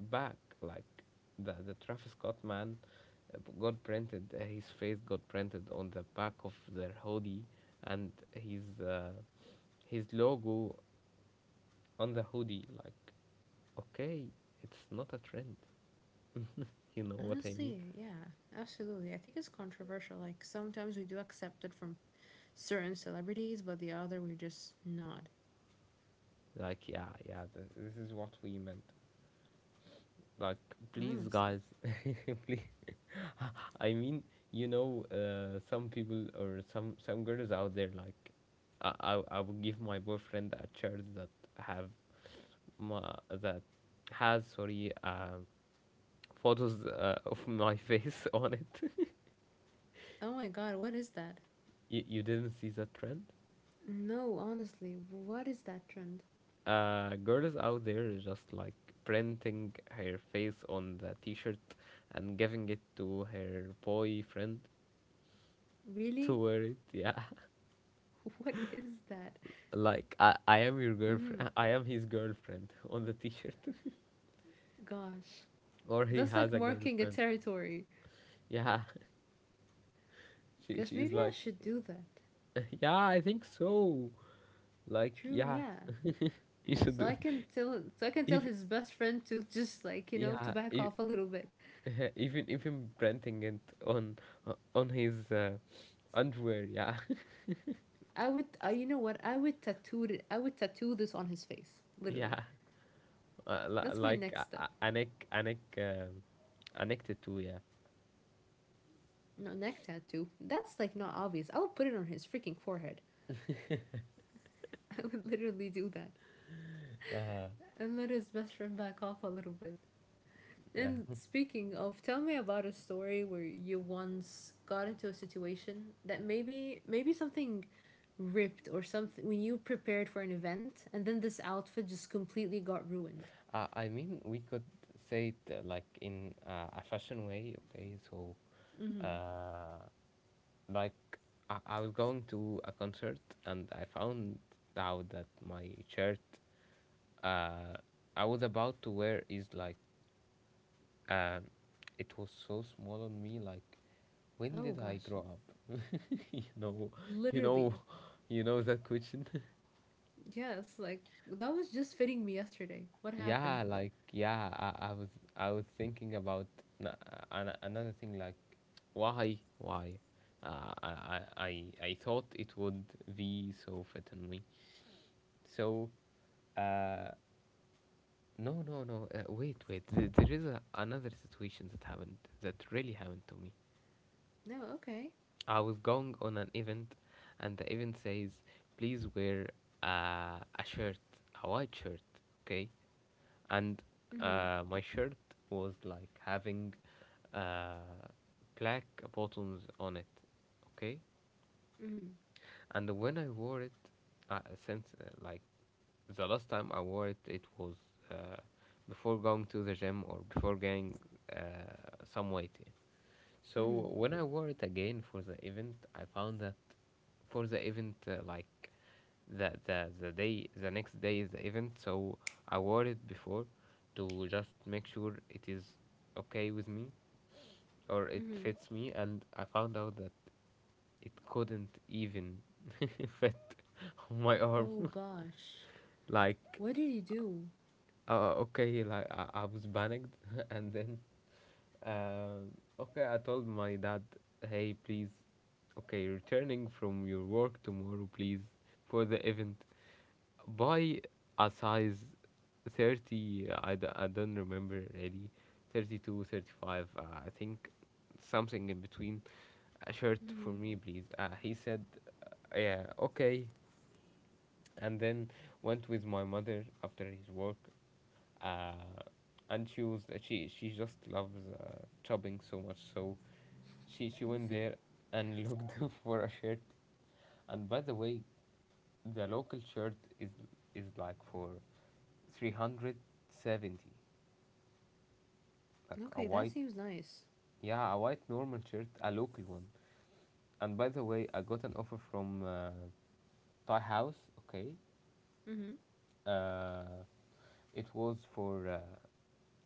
[SPEAKER 1] back. Like, the the Travis Scott man uh, got printed. Uh, his face got printed on the back of their hoodie, and his uh, his logo on the hoodie. Like, okay, it's not a trend. You know what I mean?
[SPEAKER 2] Honestly, yeah, absolutely. I think it's controversial. Like sometimes we do accept it from certain celebrities, but the other we just not.
[SPEAKER 1] Like, yeah, yeah, th- this is what we meant. Like, please,
[SPEAKER 2] Honestly.
[SPEAKER 1] guys, please. I mean, you know, uh, some people or some some girls out there, like, I I, I would give my boyfriend a shirt that have my that has, sorry, um photos uh, of my face on it.
[SPEAKER 2] Oh my god, what is that?
[SPEAKER 1] You, you didn't see that trend.
[SPEAKER 2] No, honestly, what is that trend?
[SPEAKER 1] Uh, girls out there is just like printing her face on the t-shirt and giving it to her boyfriend to
[SPEAKER 2] Really?
[SPEAKER 1] wear it, yeah.
[SPEAKER 2] What is that?
[SPEAKER 1] Like I, I am your girlfriend.
[SPEAKER 2] Mhm.
[SPEAKER 1] I am his girlfriend on the t-shirt,
[SPEAKER 2] Gosh.
[SPEAKER 1] or he
[SPEAKER 2] That's
[SPEAKER 1] has
[SPEAKER 2] like
[SPEAKER 1] a
[SPEAKER 2] marking a
[SPEAKER 1] girlfriend.
[SPEAKER 2] territory.
[SPEAKER 1] Yeah, she
[SPEAKER 2] Gosh,
[SPEAKER 1] she's
[SPEAKER 2] maybe I
[SPEAKER 1] like,
[SPEAKER 2] should do that.
[SPEAKER 1] yeah, I think so. Like
[SPEAKER 2] True,
[SPEAKER 1] yeah,
[SPEAKER 2] yeah.
[SPEAKER 1] you should
[SPEAKER 2] So
[SPEAKER 1] do
[SPEAKER 2] I
[SPEAKER 1] it.
[SPEAKER 2] can tell so I can tell
[SPEAKER 1] If
[SPEAKER 2] his best friend to just like, you know, to
[SPEAKER 1] yeah,
[SPEAKER 2] back
[SPEAKER 1] if,
[SPEAKER 2] off a little bit.
[SPEAKER 1] even even printing it on o- on his uh, underwear. Yeah,
[SPEAKER 2] I would, uh, you know what? I would tattoo it. I would tattoo this on his face, literally.
[SPEAKER 1] yeah. Uh, li-
[SPEAKER 2] That's my
[SPEAKER 1] like uh,
[SPEAKER 2] next
[SPEAKER 1] uh,
[SPEAKER 2] step.
[SPEAKER 1] Anik neck um, a tattoo. Yeah,
[SPEAKER 2] No neck tattoo. That's like not obvious. I would put it on his freaking forehead. I would literally do that and let his best friend back off a little bit.
[SPEAKER 1] yeah.
[SPEAKER 2] And speaking of, tell me about a story where you once got into a situation that maybe maybe something ripped or something when you prepared for an event and then this outfit just completely got ruined.
[SPEAKER 1] Uh, I mean, we could say it uh, like in uh, a fashion way, okay? So,
[SPEAKER 2] Mm-hmm.
[SPEAKER 1] uh, like, I, I was going to a concert and I found out that my shirt, uh, I was about to wear is like, uh, it was so small on me, like, when
[SPEAKER 2] Oh
[SPEAKER 1] did I
[SPEAKER 2] gosh.
[SPEAKER 1] grow up? You know, you know,
[SPEAKER 2] Literally.
[SPEAKER 1] you know that question.
[SPEAKER 2] Yes, like that was just fitting me yesterday. What
[SPEAKER 1] Yeah
[SPEAKER 2] happened?
[SPEAKER 1] like yeah, I, I was i was thinking about na- an- another thing like why why, uh, I, I i I thought it would be so fit on me so uh no no no uh, wait, wait. Th- there is a, another situation that happened that really happened to me.
[SPEAKER 2] No, okay.
[SPEAKER 1] I was going on an event, and the event says, please wear uh, a shirt, a white shirt, okay? And
[SPEAKER 2] Mhm.
[SPEAKER 1] uh, my shirt was like having uh, black buttons on it, okay?
[SPEAKER 2] Mhm.
[SPEAKER 1] And when I wore it, uh, since uh, like the last time I wore it, it was, uh, before going to the gym or before gaining uh, some weight. Yeah. So
[SPEAKER 2] Mhm.
[SPEAKER 1] when I wore it again for the event, I found that for the event, uh, like the, the the day, the next day is the event. So I wore it before to just make sure it is okay with me or it
[SPEAKER 2] Mhm.
[SPEAKER 1] fits me, and I found out that it couldn't even fit on my arm.
[SPEAKER 2] Oh gosh.
[SPEAKER 1] Like
[SPEAKER 2] What did he do?
[SPEAKER 1] uh, okay, like I, I was panicked, and then, um, okay, I told my dad, hey, please, okay, returning from your work tomorrow, please, for the event, buy a size thirty, I, d- I don't remember really, thirty two, thirty five, uh, I think something in between, a shirt for
[SPEAKER 2] Mhm.
[SPEAKER 1] me, please. Uh, he said, uh, yeah, okay, and then went with my mother after his work, uh, and she was she she just loves uh, shopping so much, so she she
[SPEAKER 2] I
[SPEAKER 1] went
[SPEAKER 2] see.
[SPEAKER 1] there and looked for a shirt. And by the way, the local shirt is is like for three hundred seventy, like a
[SPEAKER 2] Okay, that
[SPEAKER 1] white,
[SPEAKER 2] seems nice.
[SPEAKER 1] yeah, a white normal shirt, a local one. And by the way, I got an offer from uh, Thai House, okay.
[SPEAKER 2] Mhm.
[SPEAKER 1] uh, it was for uh,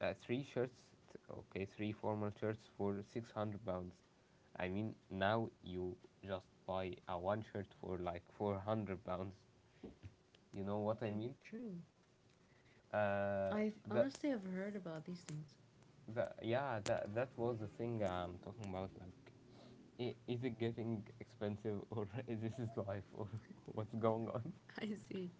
[SPEAKER 1] Uh, three shirts, okay, three formal shirts for six hundred pounds. I mean, now you just buy a one shirt for like four hundred pounds. You know what I
[SPEAKER 2] Mm,
[SPEAKER 1] mean?
[SPEAKER 2] true.
[SPEAKER 1] Uh,
[SPEAKER 2] I
[SPEAKER 1] that,
[SPEAKER 2] honestly have heard about these things.
[SPEAKER 1] that, yeah, that, that was the thing I'm talking about. Like, i- is it getting expensive or this is life or what's going on?
[SPEAKER 2] I see.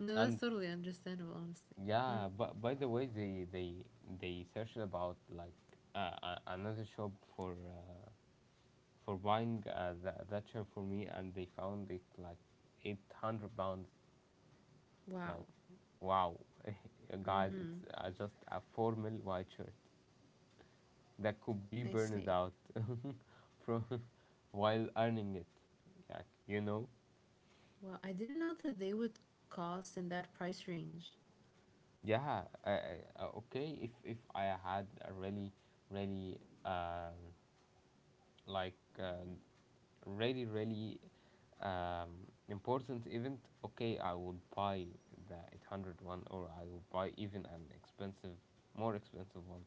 [SPEAKER 2] No, that's
[SPEAKER 1] And
[SPEAKER 2] totally understandable, honestly. Mm.
[SPEAKER 1] yeah, but by the way, they, they, they searched about like uh, a- another shop for uh, for buying uh, that, that chair for me, and they found it like eight hundred pounds.
[SPEAKER 2] Wow.
[SPEAKER 1] Like, wow, guys, it's
[SPEAKER 2] Mhm.
[SPEAKER 1] uh, just a formal white shirt that could be
[SPEAKER 2] I
[SPEAKER 1] burned
[SPEAKER 2] see.
[SPEAKER 1] out from while earning it. Like, you know,
[SPEAKER 2] Well, I didn't know that they would cost in that price range.
[SPEAKER 1] yeah, uh, uh, okay. If if I had a really, really um like uh, really really um, important event. Okay, I will buy the eight hundred one, or I will buy even an expensive, more expensive one.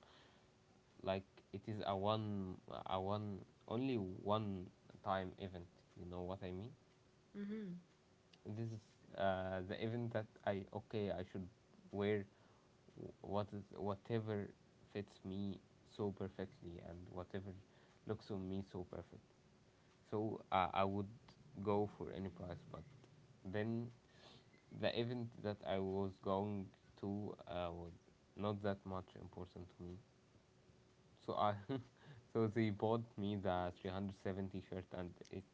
[SPEAKER 1] Like, it is a one, a one only one time event, you know what I mean? This is uh, the event that i okay I should wear what is whatever fits me so perfectly and whatever looks on me so perfect. So uh, I would go for any price, but then the event that I was going to uh, was not that much important to me. So I, so they bought me the three hundred seventy shirt, and it,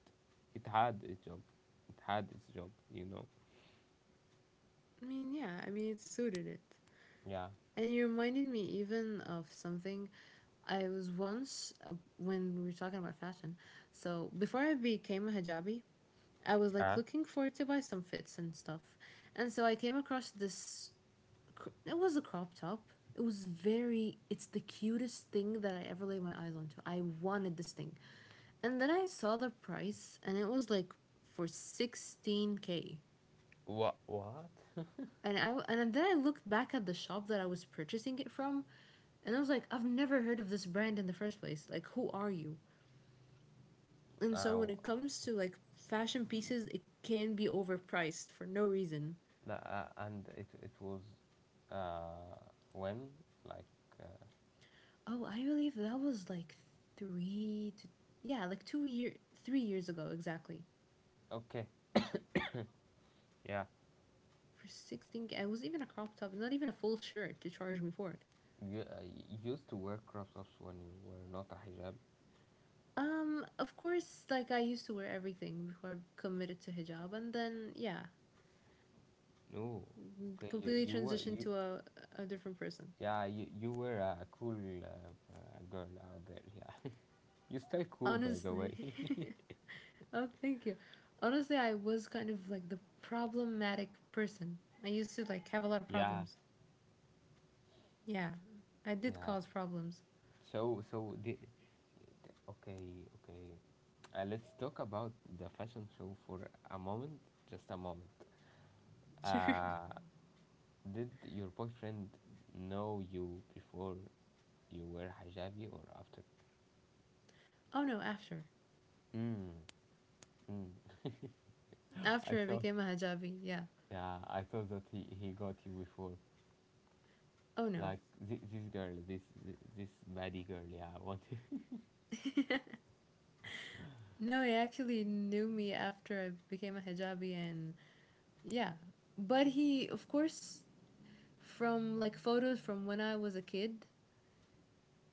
[SPEAKER 1] it had its job, it had its job, you know.
[SPEAKER 2] I mean, yeah, I mean, it suited it.
[SPEAKER 1] Yeah.
[SPEAKER 2] And you reminded me even of something. I was once uh, when we were talking about fashion. So before I became a hijabi, I was like
[SPEAKER 1] Huh?
[SPEAKER 2] looking for to buy some fits and stuff, and so I came across this. cr- It was a crop top. It was very. It's the cutest thing that I ever laid my eyes onto. I wanted this thing, and then I saw the price, and it was like for sixteen k,
[SPEAKER 1] What? What?
[SPEAKER 2] and I and then I looked back at the shop that I was purchasing it from, and I was like, I've never heard of this brand in the first place. Like, who are you? And so
[SPEAKER 1] Uh,
[SPEAKER 2] when it comes to like fashion pieces, it can be overpriced for no reason.
[SPEAKER 1] the, uh, and it it was, uh, when like uh,
[SPEAKER 2] Oh, I believe that was like three to, yeah, like two year, three years ago exactly.
[SPEAKER 1] okay, yeah.
[SPEAKER 2] For sixteen, it was even a crop top, not even a full shirt to charge me for it.
[SPEAKER 1] You, uh, you used to wear crop tops when you were not a hijab.
[SPEAKER 2] Um, of course, like I used to wear everything before I committed to hijab, and then yeah,
[SPEAKER 1] No, okay, you
[SPEAKER 2] completely
[SPEAKER 1] you were
[SPEAKER 2] transitioned
[SPEAKER 1] you
[SPEAKER 2] to a, a different person.
[SPEAKER 1] yeah, you you were a cool uh, uh, girl out there. Yeah, you still cool, by the
[SPEAKER 2] Honestly.
[SPEAKER 1] way.
[SPEAKER 2] oh, thank you. Honestly, I was kind of like the problematic person. I used to like have a lot of
[SPEAKER 1] yeah,
[SPEAKER 2] problems. Yeah, I did
[SPEAKER 1] yeah.
[SPEAKER 2] cause problems.
[SPEAKER 1] So so the, the- okay, okay, uh, let's talk about the fashion show for a moment, just a moment.
[SPEAKER 2] Sure.
[SPEAKER 1] Uh, did your boyfriend know you before you were hijabi or after?
[SPEAKER 2] oh no, after.
[SPEAKER 1] Mm, mm. I
[SPEAKER 2] After I
[SPEAKER 1] thought,
[SPEAKER 2] became a hijabi, yeah.
[SPEAKER 1] yeah, I thought that he, he got you before.
[SPEAKER 2] Oh no.
[SPEAKER 1] Like this, this girl, this thi- this baddie girl, yeah, I want.
[SPEAKER 2] no, he actually knew me after I became a hijabi and yeah. But he, of course, from like photos from when I was a kid,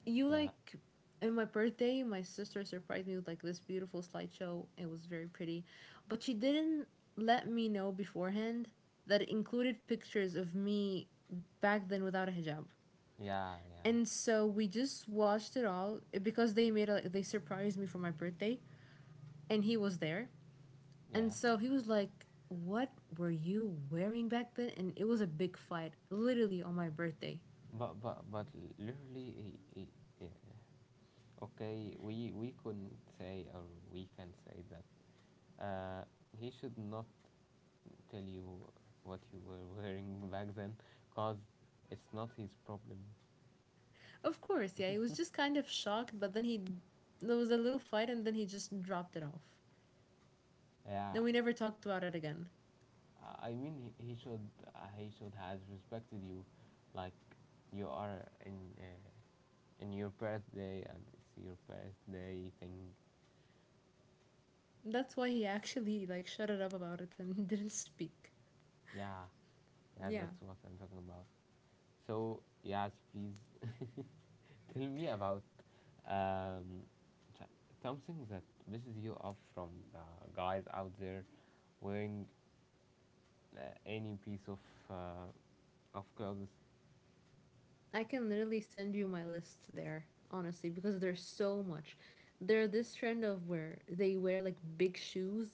[SPEAKER 2] you
[SPEAKER 1] Yeah,
[SPEAKER 2] like, in my birthday my sister surprised me with like this beautiful slideshow. It was very pretty but she didn't let me know beforehand that it included pictures of me back then without a hijab,
[SPEAKER 1] yeah, yeah,
[SPEAKER 2] and so we just watched it all, eh, because they made a, they surprised me for my birthday, and he was there, and
[SPEAKER 1] yeah.
[SPEAKER 2] so he was like, what were you wearing back then? And it was a big fight literally on my birthday.
[SPEAKER 1] But but but literally, he, he, yeah. Okay, we we couldn't say, or we can say that. Uh, he should not tell you what you were wearing back then, cause it's not his problem.
[SPEAKER 2] Of course, yeah, he was just kind of shocked, but then he there was a little fight and then he just dropped it off.
[SPEAKER 1] Yeah.
[SPEAKER 2] And we never talked about it again.
[SPEAKER 1] Uh, I mean, he, he should uh, he should has respected you, like you are in uh, in your birthday and it's your birthday thing.
[SPEAKER 2] That's why he actually like shut it up about it and didn't speak.
[SPEAKER 1] Yeah, yeah,
[SPEAKER 2] Yeah.
[SPEAKER 1] that's what I'm talking about. So yes, please tell me about um, t- something that pisses you off from the guys out there wearing uh, any piece of uh, of clothes.
[SPEAKER 2] I can literally send you my list there, honestly, because there's so much. There's this trend of where they wear like big shoes.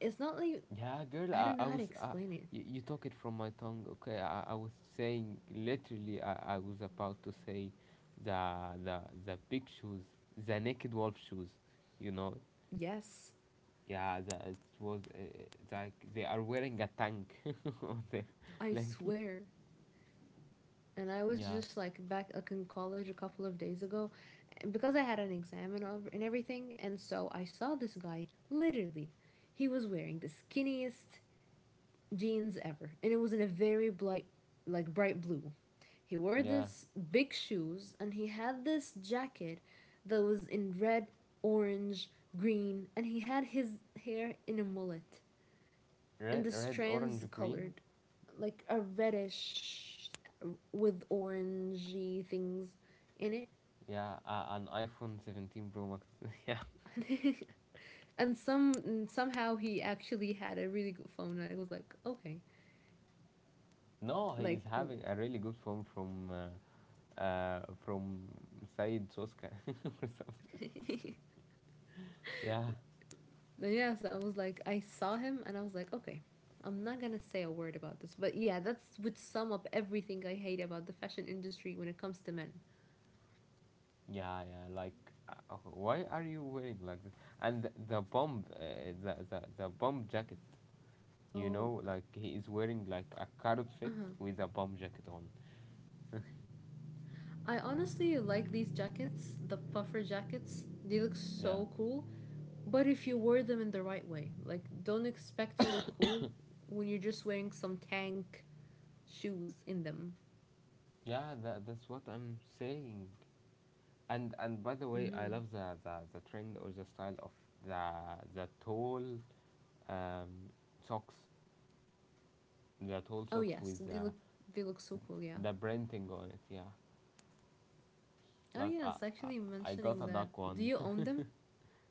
[SPEAKER 2] It's not like,
[SPEAKER 1] Yeah, girl,
[SPEAKER 2] I
[SPEAKER 1] I,
[SPEAKER 2] don't know
[SPEAKER 1] I
[SPEAKER 2] how to
[SPEAKER 1] was. Uh,
[SPEAKER 2] explain it.
[SPEAKER 1] you, you took it from my tongue, okay? I, I was saying literally. I, I was about to say, the the the big shoes, the naked wolf shoes, you know.
[SPEAKER 2] Yes,
[SPEAKER 1] Yeah, the, it was uh, like they are wearing a tank, on their
[SPEAKER 2] I
[SPEAKER 1] like.
[SPEAKER 2] swear. And I was
[SPEAKER 1] Yeah,
[SPEAKER 2] just like back like in college a couple of days ago because I had an exam, and all- and everything, and so I saw this guy literally. He was wearing the skinniest jeans ever and it was in a very bright, like bright blue. He wore
[SPEAKER 1] yeah,
[SPEAKER 2] this big shoes and he had this jacket that was in red, orange, green, and he had his hair in a mullet and
[SPEAKER 1] red,
[SPEAKER 2] the
[SPEAKER 1] red, orange,
[SPEAKER 2] strands
[SPEAKER 1] green.
[SPEAKER 2] colored, like a reddish with orangey things in
[SPEAKER 1] Yeah, uh, an iPhone seventeen Pro Max. Yeah,
[SPEAKER 2] it. and some and somehow he actually had a really good phone. And I was like, okay,
[SPEAKER 1] no, he is
[SPEAKER 2] like cool.
[SPEAKER 1] having a really good phone from. Uh, uh, from Said Soska, or something.
[SPEAKER 2] then
[SPEAKER 1] Yeah,
[SPEAKER 2] yeah, so I was like, I saw him and I was like, okay, I'm not gonna say a word about this, but yeah, that's would sum up everything I hate about the fashion industry when it comes to men.
[SPEAKER 1] yeah, yeah. Like, uh, okay, why are you wearing like that? And th- the bomb, uh, the, the the bomb jacket. You
[SPEAKER 2] Oh,
[SPEAKER 1] know, like he is wearing like a carrot fit with a bomb jacket on.
[SPEAKER 2] I honestly like these jackets, the puffer jackets. They look
[SPEAKER 1] Yeah,
[SPEAKER 2] so cool. But if you wear them in the right way, like don't expect to look cool when you're just wearing some tank shoes in them.
[SPEAKER 1] yeah. That, that's what I'm saying. And and by the way, I
[SPEAKER 2] Hmm.
[SPEAKER 1] love the the, the trend or the style of the the tall um socks, the tall
[SPEAKER 2] Oh
[SPEAKER 1] socks
[SPEAKER 2] yes,
[SPEAKER 1] with
[SPEAKER 2] they
[SPEAKER 1] uh,
[SPEAKER 2] look, they look so cool. Yeah.
[SPEAKER 1] the branding on it. Yeah,
[SPEAKER 2] Oh
[SPEAKER 1] like I
[SPEAKER 2] yes,
[SPEAKER 1] I,
[SPEAKER 2] actually
[SPEAKER 1] I got
[SPEAKER 2] mentioning
[SPEAKER 1] a
[SPEAKER 2] that,
[SPEAKER 1] duck
[SPEAKER 2] do
[SPEAKER 1] one.
[SPEAKER 2] you own them?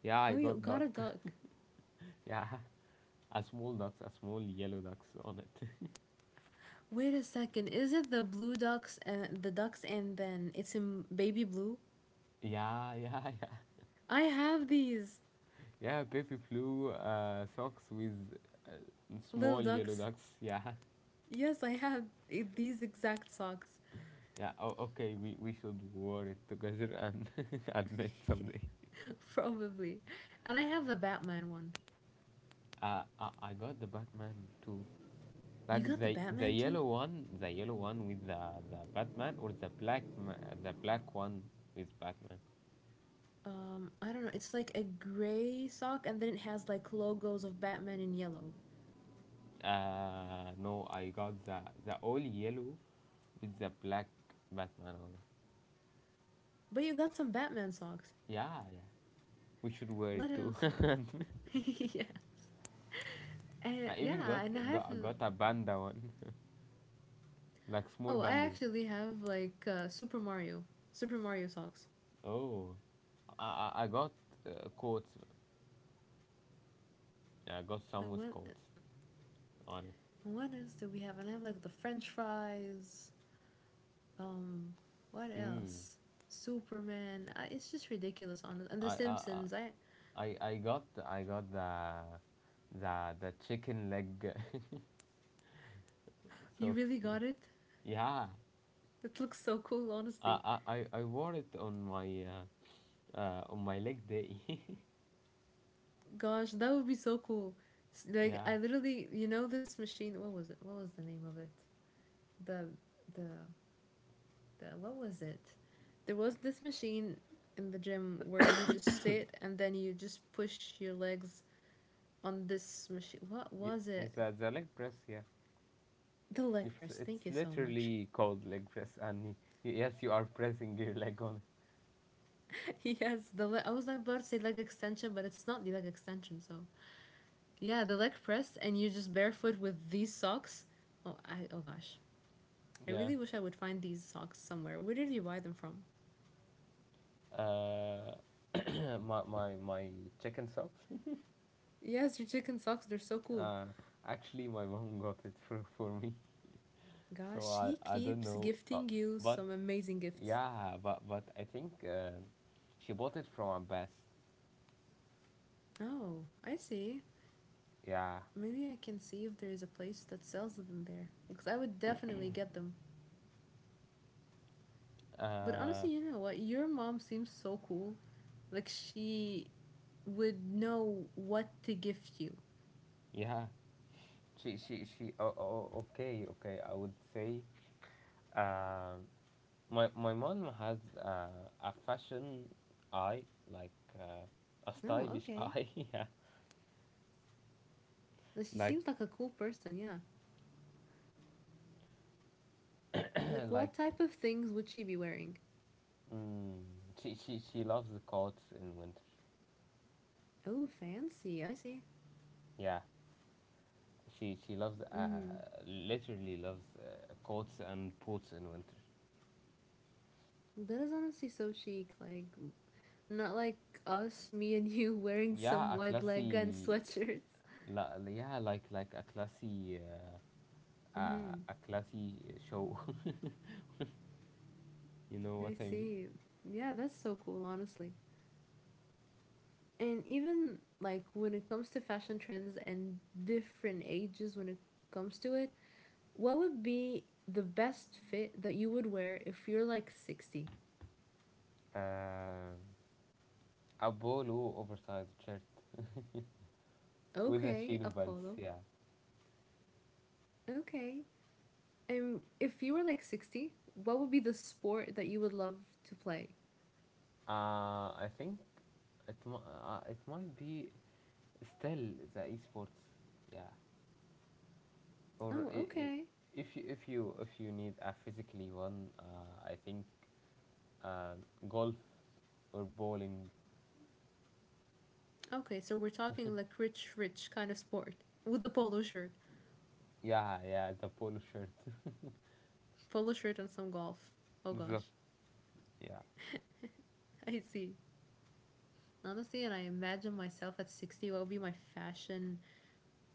[SPEAKER 1] Yeah, I
[SPEAKER 2] Oh, you
[SPEAKER 1] got
[SPEAKER 2] got a
[SPEAKER 1] duck.
[SPEAKER 2] duck.
[SPEAKER 1] Yeah. A small ducks, a small yellow ducks on it.
[SPEAKER 2] Wait a second, is it the blue ducks and the ducks and then it's in baby blue?
[SPEAKER 1] Yeah, yeah, yeah.
[SPEAKER 2] I have these
[SPEAKER 1] Yeah, baby blue uh, socks with uh,
[SPEAKER 2] little
[SPEAKER 1] small yellow
[SPEAKER 2] ducks.
[SPEAKER 1] ducks. Yeah,
[SPEAKER 2] Yes, I have i- these exact socks.
[SPEAKER 1] yeah. Oh, okay, we, we should wear it together and admit someday.
[SPEAKER 2] probably. And I have the Batman one.
[SPEAKER 1] Uh, I, I got the Batman too.
[SPEAKER 2] You
[SPEAKER 1] Like
[SPEAKER 2] got the
[SPEAKER 1] the the
[SPEAKER 2] Batman too?
[SPEAKER 1] yellow one, the yellow one with the, the Batman, or the black ma- the black one with Batman.
[SPEAKER 2] Um, I don't know. It's like a gray sock and then it has like logos of Batman in yellow.
[SPEAKER 1] Uh, no, I got the the all yellow with the black Batman on it.
[SPEAKER 2] But you got some Batman socks.
[SPEAKER 1] Yeah, yeah. We should wear it
[SPEAKER 2] What
[SPEAKER 1] too.
[SPEAKER 2] else? yes. Uh,
[SPEAKER 1] I even got
[SPEAKER 2] yeah, and I have.
[SPEAKER 1] got got a banda one, like small
[SPEAKER 2] Oh, I
[SPEAKER 1] bandas.
[SPEAKER 2] actually have like uh, Super Mario. Super Mario socks.
[SPEAKER 1] Oh, I I, I got uh, coats. Yeah, I got
[SPEAKER 2] And
[SPEAKER 1] someone's
[SPEAKER 2] what,
[SPEAKER 1] coats on
[SPEAKER 2] what else do we have? And I have like the French fries. Um, what
[SPEAKER 1] it. Mm.
[SPEAKER 2] else? Superman. I, it's just ridiculous, honest. And The
[SPEAKER 1] I I I
[SPEAKER 2] Simpsons. I
[SPEAKER 1] I- I got I got the the the chicken leg
[SPEAKER 2] you
[SPEAKER 1] socks.
[SPEAKER 2] really got it.
[SPEAKER 1] Yeah,
[SPEAKER 2] That looks so cool,
[SPEAKER 1] I
[SPEAKER 2] honestly.
[SPEAKER 1] I I- I wore it on my uh, uh on my leg day.
[SPEAKER 2] Gosh, that would be so cool. Like
[SPEAKER 1] Yeah,
[SPEAKER 2] I literally, you know, this machine. What was it? What was the name of it? The the the what was it? There was this machine in the gym where you just sit and then you just push your legs on this machine. What was it?
[SPEAKER 1] it's uh, the leg press. Yeah.
[SPEAKER 2] The leg
[SPEAKER 1] It's
[SPEAKER 2] press. Thank
[SPEAKER 1] it's
[SPEAKER 2] you so much.
[SPEAKER 1] literally called leg press, and y- yes, you are pressing your leg on.
[SPEAKER 2] Yes, the le- I was like about to say leg extension, but it's not the leg extension. So yeah, the leg press, and you're just barefoot with these socks. Oh, I oh gosh, I
[SPEAKER 1] Yeah.
[SPEAKER 2] really wish I would find these socks somewhere. Where did you buy them from?
[SPEAKER 1] Uh, my my my chicken socks.
[SPEAKER 2] Yes, your chicken socks. They're so cool.
[SPEAKER 1] Uh, actually, my mom got it for for me,
[SPEAKER 2] Gosh,
[SPEAKER 1] so I
[SPEAKER 2] she
[SPEAKER 1] I don't
[SPEAKER 2] keeps
[SPEAKER 1] know. Uh,
[SPEAKER 2] gifting you
[SPEAKER 1] but
[SPEAKER 2] some amazing gifts.
[SPEAKER 1] yeah, but but I think uh, she bought it from Abbas.
[SPEAKER 2] Oh, I see.
[SPEAKER 1] Yeah.
[SPEAKER 2] Maybe I can see if there is a place that sells them there, because I would definitely get them. But
[SPEAKER 1] Uh,
[SPEAKER 2] honestly, you know what? Your mom seems so cool. Like she would know what to gift you.
[SPEAKER 1] yeah. She she she. Oh, oh okay, okay. I would say. Um, My my mom has uh, a fashion eye, like uh, a
[SPEAKER 2] Oh,
[SPEAKER 1] stylish
[SPEAKER 2] okay.
[SPEAKER 1] eye. Yeah,
[SPEAKER 2] Like, she
[SPEAKER 1] like
[SPEAKER 2] seems like a cool person, yeah. Like
[SPEAKER 1] like
[SPEAKER 2] what type of things would she be wearing?
[SPEAKER 1] mm, she she she loves the coats in winter.
[SPEAKER 2] Oh, fancy. I see.
[SPEAKER 1] Yeah, she she loves uh,
[SPEAKER 2] Mhm.
[SPEAKER 1] literally loves uh, coats and boots in winter.
[SPEAKER 2] That is honestly so chic. Like not like us, me and you wearing some
[SPEAKER 1] Yeah, a
[SPEAKER 2] wide leg and
[SPEAKER 1] classy,
[SPEAKER 2] sweatshirts.
[SPEAKER 1] la, yeah, like like a classy uh, a,
[SPEAKER 2] Mhm.
[SPEAKER 1] a classy show. You know what
[SPEAKER 2] I
[SPEAKER 1] I mean?
[SPEAKER 2] see. Yeah, that's so cool, honestly. And even like when it comes to fashion trends and different ages when it comes to it, what would be the best fit that you would wear if you're like sixty?
[SPEAKER 1] Uh, a polo oversized shirt with the
[SPEAKER 2] Okay,
[SPEAKER 1] chino
[SPEAKER 2] a
[SPEAKER 1] buns.
[SPEAKER 2] polo.
[SPEAKER 1] Yeah,
[SPEAKER 2] Okay. And if you were like sixty, what would be the sport that you would love to play?
[SPEAKER 1] uh, I think it mi- uh, it might be still the esports. Yeah, or
[SPEAKER 2] Oh,
[SPEAKER 1] I I
[SPEAKER 2] okay.
[SPEAKER 1] if you if you if you need a physically one, uh, I think um, golf or bowling.
[SPEAKER 2] Okay, so we're talking like rich, rich kind of sport with the polo shirt.
[SPEAKER 1] Yeah, yeah, the polo shirt.
[SPEAKER 2] Polo shirt and some golf. Oh
[SPEAKER 1] the,
[SPEAKER 2] gosh.
[SPEAKER 1] yeah,
[SPEAKER 2] I see. Honestly, and I imagine myself at sixty, what would be my fashion,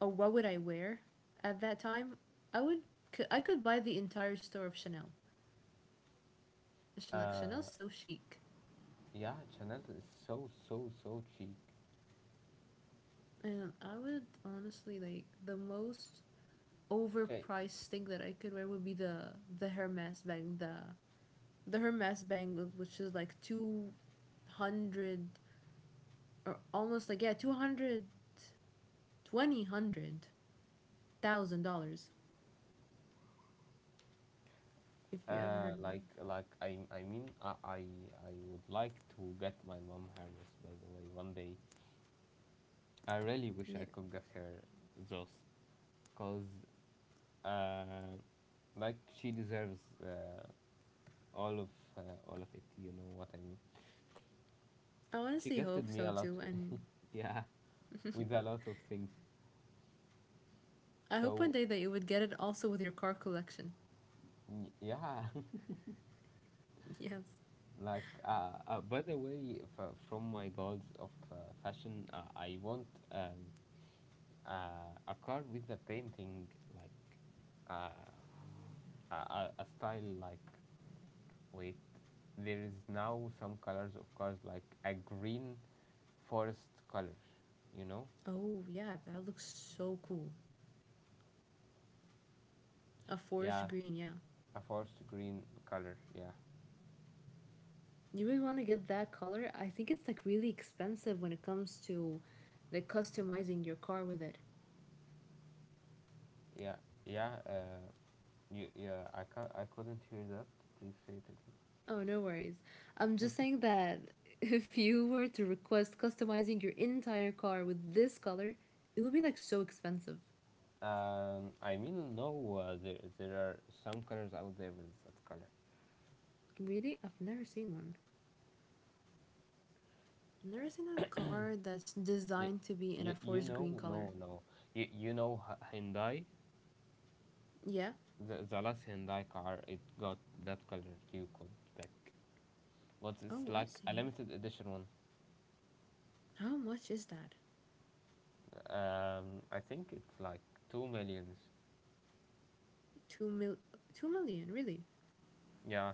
[SPEAKER 2] or what would I wear at that time? I would I could buy the entire store of Chanel. Chanel, like Chanel's so chic,
[SPEAKER 1] yeah. Chanel is so so so cheap.
[SPEAKER 2] and I would honestly like the most
[SPEAKER 1] Okay,
[SPEAKER 2] overpriced thing that I could wear would be the the Hermes bag the the Hermes bag, which is like two hundred, or almost like, yeah, two hundred twenty hundred thousand dollars, if you ever
[SPEAKER 1] uh,
[SPEAKER 2] heard of that.
[SPEAKER 1] like like I I mean I I I would like to get my mom Hermes, by the way, one day. I really wish I
[SPEAKER 2] Yeah,
[SPEAKER 1] could give her those because uh, like she deserves uh, all of uh, all of it, you know what I mean?
[SPEAKER 2] I
[SPEAKER 1] She
[SPEAKER 2] honestly
[SPEAKER 1] gifted
[SPEAKER 2] hope
[SPEAKER 1] me
[SPEAKER 2] so
[SPEAKER 1] a lot
[SPEAKER 2] too, and
[SPEAKER 1] w- yeah, with a lot of things,
[SPEAKER 2] I hope one
[SPEAKER 1] so
[SPEAKER 2] day that you would get it also with your car collection.
[SPEAKER 1] y- yeah.
[SPEAKER 2] Yes.
[SPEAKER 1] Like uh, uh, by the way, f- from my goals of uh, fashion, uh, I want um, uh, a car with a painting like uh, a, a a style like. Wait, there is now some colors of cars like a green forest color, you know?
[SPEAKER 2] Oh, yeah, that looks so cool. A forest
[SPEAKER 1] Yeah,
[SPEAKER 2] green, yeah.
[SPEAKER 1] a forest green color. Yeah,
[SPEAKER 2] You would want to get that color. I think it's like really expensive when it comes to like customizing your car with it.
[SPEAKER 1] yeah, yeah. Uh, you, yeah. I can I couldn't hear that. Please say it again.
[SPEAKER 2] Oh, no worries. I'm just saying that if you were to request customizing your entire car with this color, it would be like so expensive.
[SPEAKER 1] Um, I mean, no. Uh, there there are some colors out there with that color.
[SPEAKER 2] Really? I've never seen one. I've never seen a car that's
[SPEAKER 1] You,
[SPEAKER 2] designed to be in
[SPEAKER 1] you,
[SPEAKER 2] a
[SPEAKER 1] you
[SPEAKER 2] forest green
[SPEAKER 1] know, no,
[SPEAKER 2] color.
[SPEAKER 1] no. You, you know, H- Hyundai.
[SPEAKER 2] Yeah.
[SPEAKER 1] The, the last Hyundai car, it got that color. You could back. What, it's
[SPEAKER 2] Oh, I
[SPEAKER 1] like a
[SPEAKER 2] see.
[SPEAKER 1] limited edition one.
[SPEAKER 2] How much is that?
[SPEAKER 1] Um, I think it's like two millions.
[SPEAKER 2] Two mil, two million, really?
[SPEAKER 1] Yeah.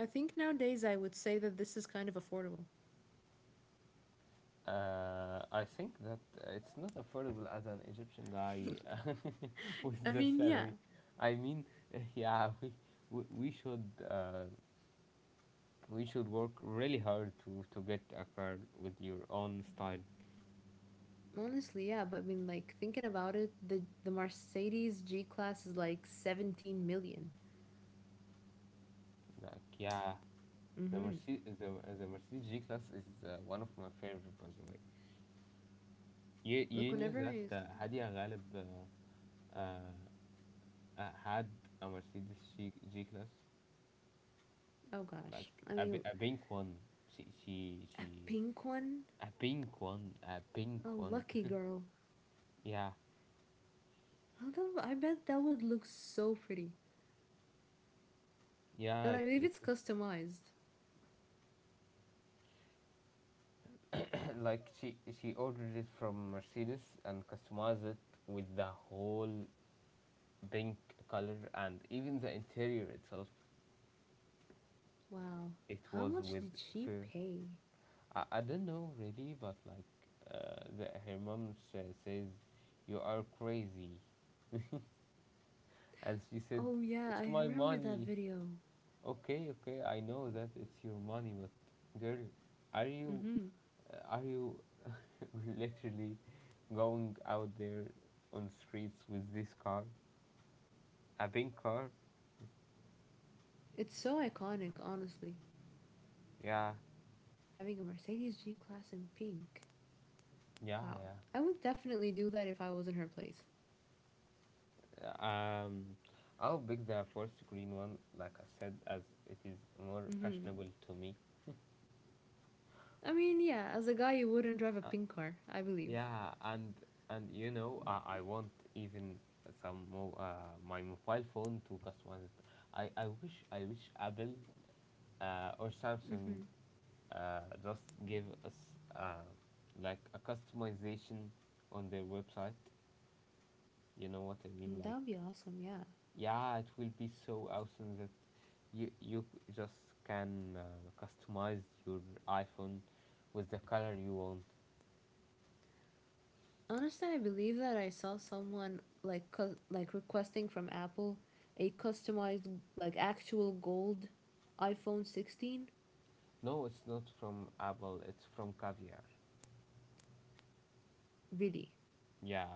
[SPEAKER 2] I think nowadays I would say that this is kind of affordable.
[SPEAKER 1] Uh, I think that uh, it's not affordable as an Egyptian guy with
[SPEAKER 2] I
[SPEAKER 1] the
[SPEAKER 2] mean, yeah,
[SPEAKER 1] salary. I mean, yeah, we we, we should uh, we should work really hard to to get a car with your own style.
[SPEAKER 2] honestly, yeah. But I mean, like thinking about it, the the Mercedes G class is like seventeen million.
[SPEAKER 1] Like, yeah, the
[SPEAKER 2] Mm-hmm.
[SPEAKER 1] Mercedes the, the Mercedes G class is uh, one of my favorite, by the way. You
[SPEAKER 2] Look,
[SPEAKER 1] you knew
[SPEAKER 2] whenever
[SPEAKER 1] that
[SPEAKER 2] I
[SPEAKER 1] uh, Hadia Ghalib uh, uh, uh, had a Mercedes G, G class,
[SPEAKER 2] oh gosh,
[SPEAKER 1] like
[SPEAKER 2] I
[SPEAKER 1] a,
[SPEAKER 2] mean,
[SPEAKER 1] bi- a pink one. She she
[SPEAKER 2] a
[SPEAKER 1] she.
[SPEAKER 2] pink one,
[SPEAKER 1] A pink one, a
[SPEAKER 2] a
[SPEAKER 1] pink one.
[SPEAKER 2] lucky girl.
[SPEAKER 1] Yeah,
[SPEAKER 2] I bet that would look so pretty, and
[SPEAKER 1] yeah.
[SPEAKER 2] I
[SPEAKER 1] It,
[SPEAKER 2] believe
[SPEAKER 1] it
[SPEAKER 2] it's
[SPEAKER 1] was
[SPEAKER 2] customized.
[SPEAKER 1] like she she ordered it from Mercedes and customized it with the whole pink color and even the interior itself.
[SPEAKER 2] Wow,
[SPEAKER 1] It
[SPEAKER 2] how
[SPEAKER 1] was
[SPEAKER 2] much
[SPEAKER 1] with
[SPEAKER 2] did she
[SPEAKER 1] fur.
[SPEAKER 2] pay?
[SPEAKER 1] I, I don't know really, but like uh, the, her mom sa- says, "You are crazy," and she said,
[SPEAKER 2] Oh yeah,
[SPEAKER 1] "It's
[SPEAKER 2] I
[SPEAKER 1] my
[SPEAKER 2] remember that
[SPEAKER 1] money."
[SPEAKER 2] video.
[SPEAKER 1] Okay, okay, I know that it's your money, but girl, are you
[SPEAKER 2] Mm-hmm.
[SPEAKER 1] uh, are you literally going out there on streets with this car? A pink car?
[SPEAKER 2] It's so iconic, honestly.
[SPEAKER 1] Yeah,
[SPEAKER 2] Having a Mercedes G Class in pink. Wow.
[SPEAKER 1] yeah,
[SPEAKER 2] I would definitely do that if I was in her place.
[SPEAKER 1] yeah. Um, I'll pick the first green one, like I said, as it is more
[SPEAKER 2] Mm-hmm.
[SPEAKER 1] fashionable to me.
[SPEAKER 2] I mean, yeah, as a guy, you wouldn't drive a pink car, I believe.
[SPEAKER 1] Yeah, and and you know, I, I want even some more uh, my mobile phone to customize it. I, I wish I wish Apple uh, or Samsung
[SPEAKER 2] Mm-hmm.
[SPEAKER 1] uh, just give us uh, like a customization on their website. You know what I mean?
[SPEAKER 2] Mm, that would be
[SPEAKER 1] Like,
[SPEAKER 2] awesome, yeah.
[SPEAKER 1] yeah, it will be so awesome that you you just can uh, customize your iPhone with the color you want.
[SPEAKER 2] Honestly, I believe that I saw someone like cu- like requesting from Apple a customized like actual gold iPhone sixteen.
[SPEAKER 1] No, it's not from Apple. It's from Caviar.
[SPEAKER 2] Really?
[SPEAKER 1] Yeah,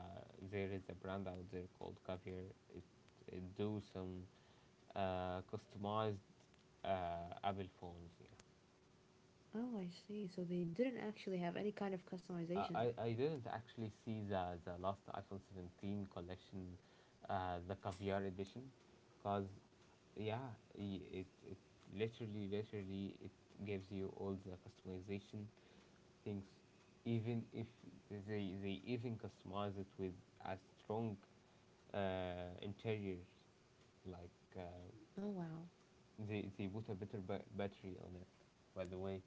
[SPEAKER 1] there is a brand out there called Caviar. It, it do some uh, customized uh, Apple phones. Yeah.
[SPEAKER 2] Oh, I see. So they didn't actually have any kind of
[SPEAKER 1] Uh,
[SPEAKER 2] customization.
[SPEAKER 1] I, I didn't actually see the, the last iPhone seventeen collection, uh, the caviar edition, because yeah, i- it it literally literally it gives you all the customization things, even if they they even customize it with a strong uh, interior, like uh,
[SPEAKER 2] Oh wow.
[SPEAKER 1] they they put a better ba- battery on it. By the way,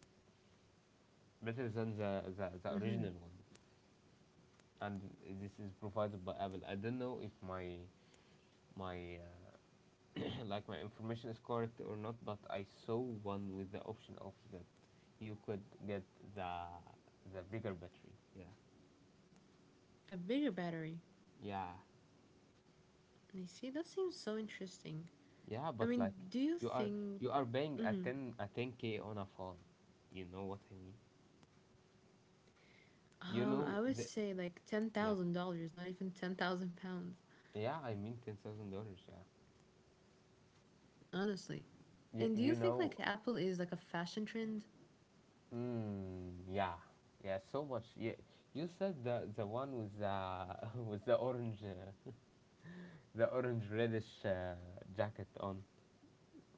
[SPEAKER 1] better than the the, the
[SPEAKER 2] Mhm.
[SPEAKER 1] original one. And this is provided by Apple. I don't know if my my uh, like my information is correct or not, but I saw one with the option of that you could get the the bigger battery. Yeah,
[SPEAKER 2] A bigger battery.
[SPEAKER 1] yeah,
[SPEAKER 2] I see. That seems so interesting.
[SPEAKER 1] yeah.
[SPEAKER 2] I
[SPEAKER 1] But
[SPEAKER 2] mean,
[SPEAKER 1] like
[SPEAKER 2] do you
[SPEAKER 1] you are
[SPEAKER 2] think?
[SPEAKER 1] you are paying a
[SPEAKER 2] Mhm.
[SPEAKER 1] ten a ten k on a phone. You know what I mean? You
[SPEAKER 2] Um,
[SPEAKER 1] know
[SPEAKER 2] I would
[SPEAKER 1] the
[SPEAKER 2] say like ten
[SPEAKER 1] yeah,
[SPEAKER 2] thousand dollars, not even ten thousand pounds,
[SPEAKER 1] yeah. I mean ten thousand dollars. Yeah.
[SPEAKER 2] honestly.
[SPEAKER 1] You
[SPEAKER 2] And do you
[SPEAKER 1] you
[SPEAKER 2] think like
[SPEAKER 1] know.
[SPEAKER 2] Apple is like a fashion trend?
[SPEAKER 1] Mm, yeah, yeah, so much. Yeah, you said the the one with the with the orange, uh, the orange reddish uh, jacket on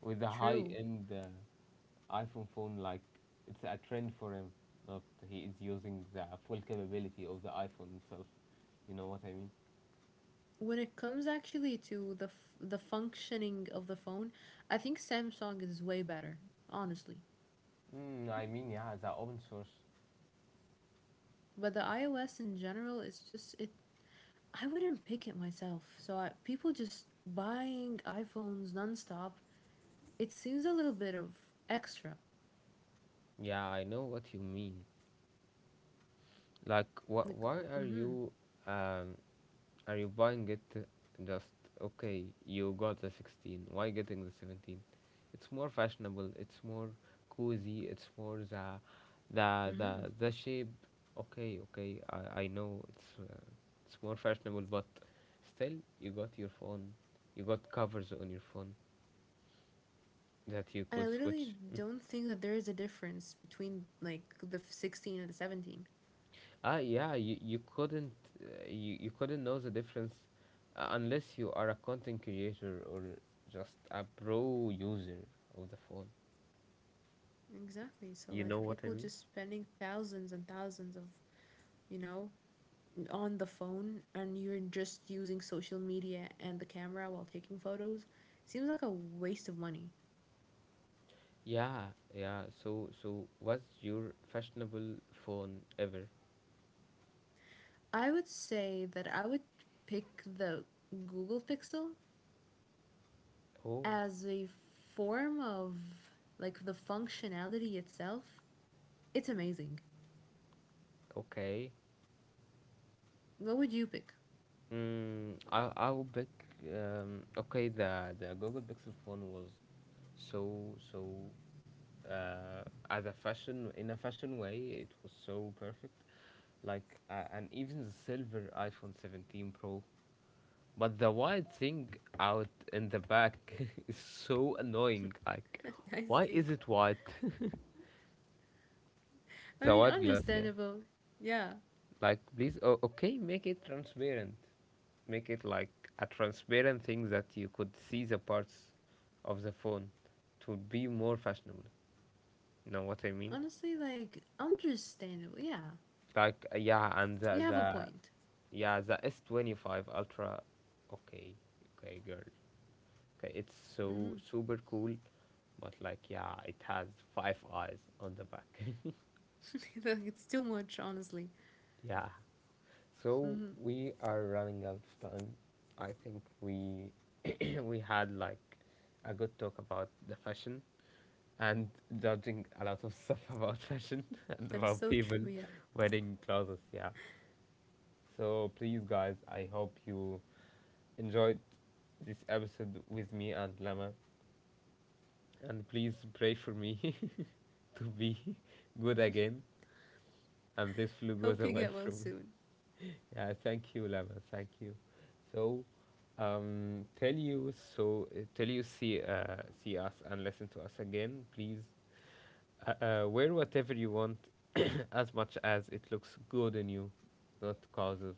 [SPEAKER 1] with the high
[SPEAKER 2] True.
[SPEAKER 1] end uh, iPhone phone. Like it's a trend for him. Not he is using the full capability of the iPhone itself. You know what I mean?
[SPEAKER 2] When it comes actually to the f- the functioning of the phone, I think Samsung is way better, honestly.
[SPEAKER 1] Mm, I mean, yeah, the open source.
[SPEAKER 2] But the iOS in general, it's just it. I wouldn't pick it myself. So I, people just buying iPhones nonstop. It seems a little bit of extra.
[SPEAKER 1] Yeah, I know what you mean. Like, wh-
[SPEAKER 2] Like,
[SPEAKER 1] why are
[SPEAKER 2] mm-hmm,
[SPEAKER 1] you um, are you buying it just okay? You got the sixteen. Why getting the seventeen? It's more fashionable. It's more cozy. It's more the the the
[SPEAKER 2] mm-hmm.
[SPEAKER 1] the shape. Okay, okay. I I know it's uh, it's more fashionable, but still you got your phone. You got covers on your phone that you
[SPEAKER 2] And I
[SPEAKER 1] could
[SPEAKER 2] literally
[SPEAKER 1] switch.
[SPEAKER 2] don't think that there is a difference between like the sixteen and the seventeen.
[SPEAKER 1] Ah, yeah, you, you couldn't uh, you, you couldn't know the difference uh, unless you are a content creator or just a pro user of the phone.
[SPEAKER 2] Exactly. So
[SPEAKER 1] You know
[SPEAKER 2] like
[SPEAKER 1] what I
[SPEAKER 2] people
[SPEAKER 1] mean?
[SPEAKER 2] just spending thousands and thousands of, you know, on the phone, and you're just using social media and the camera while taking photos seems like a waste of money.
[SPEAKER 1] Yeah, yeah. So so what's your fashionable phone ever?
[SPEAKER 2] I would say that I would pick the Google Pixel
[SPEAKER 1] Oh,
[SPEAKER 2] as a form of like the functionality itself. It's amazing.
[SPEAKER 1] okay.
[SPEAKER 2] What would you pick?
[SPEAKER 1] Mm, I I would pick um, okay, the the Google Pixel phone was so so uh, as a fashion, in a fashion way, it was so perfect, like uh, and even the silver iPhone seventeen Pro, but the white thing out in the back is so annoying. Like,
[SPEAKER 2] I
[SPEAKER 1] why
[SPEAKER 2] see.
[SPEAKER 1] is it white?
[SPEAKER 2] I
[SPEAKER 1] The
[SPEAKER 2] mean,
[SPEAKER 1] white glass, yeah.
[SPEAKER 2] understandable. Yeah.
[SPEAKER 1] Like, please, oh, okay, make it transparent. Make it like a transparent thing that you could see the parts of the phone. It would be more fashionable. You know what I mean?
[SPEAKER 2] Honestly, like, understandable. Yeah.
[SPEAKER 1] Like, uh, yeah, and
[SPEAKER 2] You
[SPEAKER 1] the,
[SPEAKER 2] have a
[SPEAKER 1] the
[SPEAKER 2] point.
[SPEAKER 1] yeah, the S twenty five Ultra. Okay, okay, girl. Okay, it's so
[SPEAKER 2] Mm-hmm.
[SPEAKER 1] super cool, but like, yeah, it has five eyes on the back.
[SPEAKER 2] Like, it's too much, honestly.
[SPEAKER 1] Yeah. So
[SPEAKER 2] Mm-hmm.
[SPEAKER 1] we are running out of time. I think we we had like a good talk about the fashion and judging a lot of stuff about fashion and
[SPEAKER 2] That is
[SPEAKER 1] about
[SPEAKER 2] so true.
[SPEAKER 1] people
[SPEAKER 2] Yeah.
[SPEAKER 1] wearing clothes. Yeah. So please, guys, I hope you enjoyed this episode with me and Lama, and please pray for me to be good again, and this flu goes
[SPEAKER 2] Hope you
[SPEAKER 1] away
[SPEAKER 2] get well
[SPEAKER 1] from
[SPEAKER 2] soon.
[SPEAKER 1] me. Yeah, thank you, Lama. Thank you. So, um, tell you so uh, tell you see uh, see us and listen to us again, please. Uh, uh, wear whatever you want, as much as it looks good on you, not because of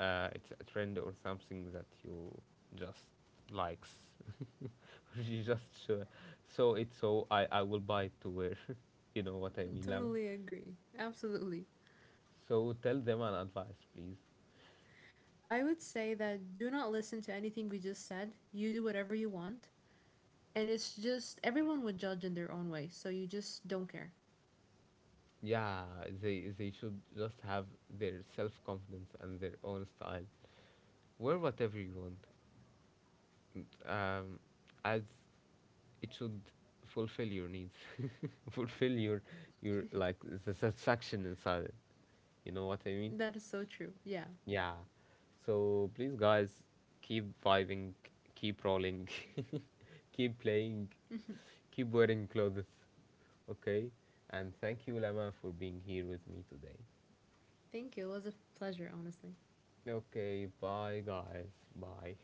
[SPEAKER 1] uh, it's a trend or something that you just likes. Or you just sure. So it's so I I will buy it to wear. You know what I mean, Lama.
[SPEAKER 2] Totally agree. Absolutely.
[SPEAKER 1] So tell them an advice, please.
[SPEAKER 2] I would say that do not listen to anything we just said. You do whatever you want. And it's just everyone would judge in their own way. So you just don't care.
[SPEAKER 1] Yeah, they they should just have their self confidence and their own style. Wear whatever you want, n- um, as it should fulfill your needs, fulfill your your, like, the satisfaction inside it. You know what I mean?
[SPEAKER 2] That is so true. Yeah.
[SPEAKER 1] Yeah. So please, guys, keep vibing, keep rolling, keep playing, keep wearing clothes. Okay. And thank you, Lama, for being here with me today.
[SPEAKER 2] Thank you. It was a pleasure, honestly.
[SPEAKER 1] Okay, bye guys. Bye.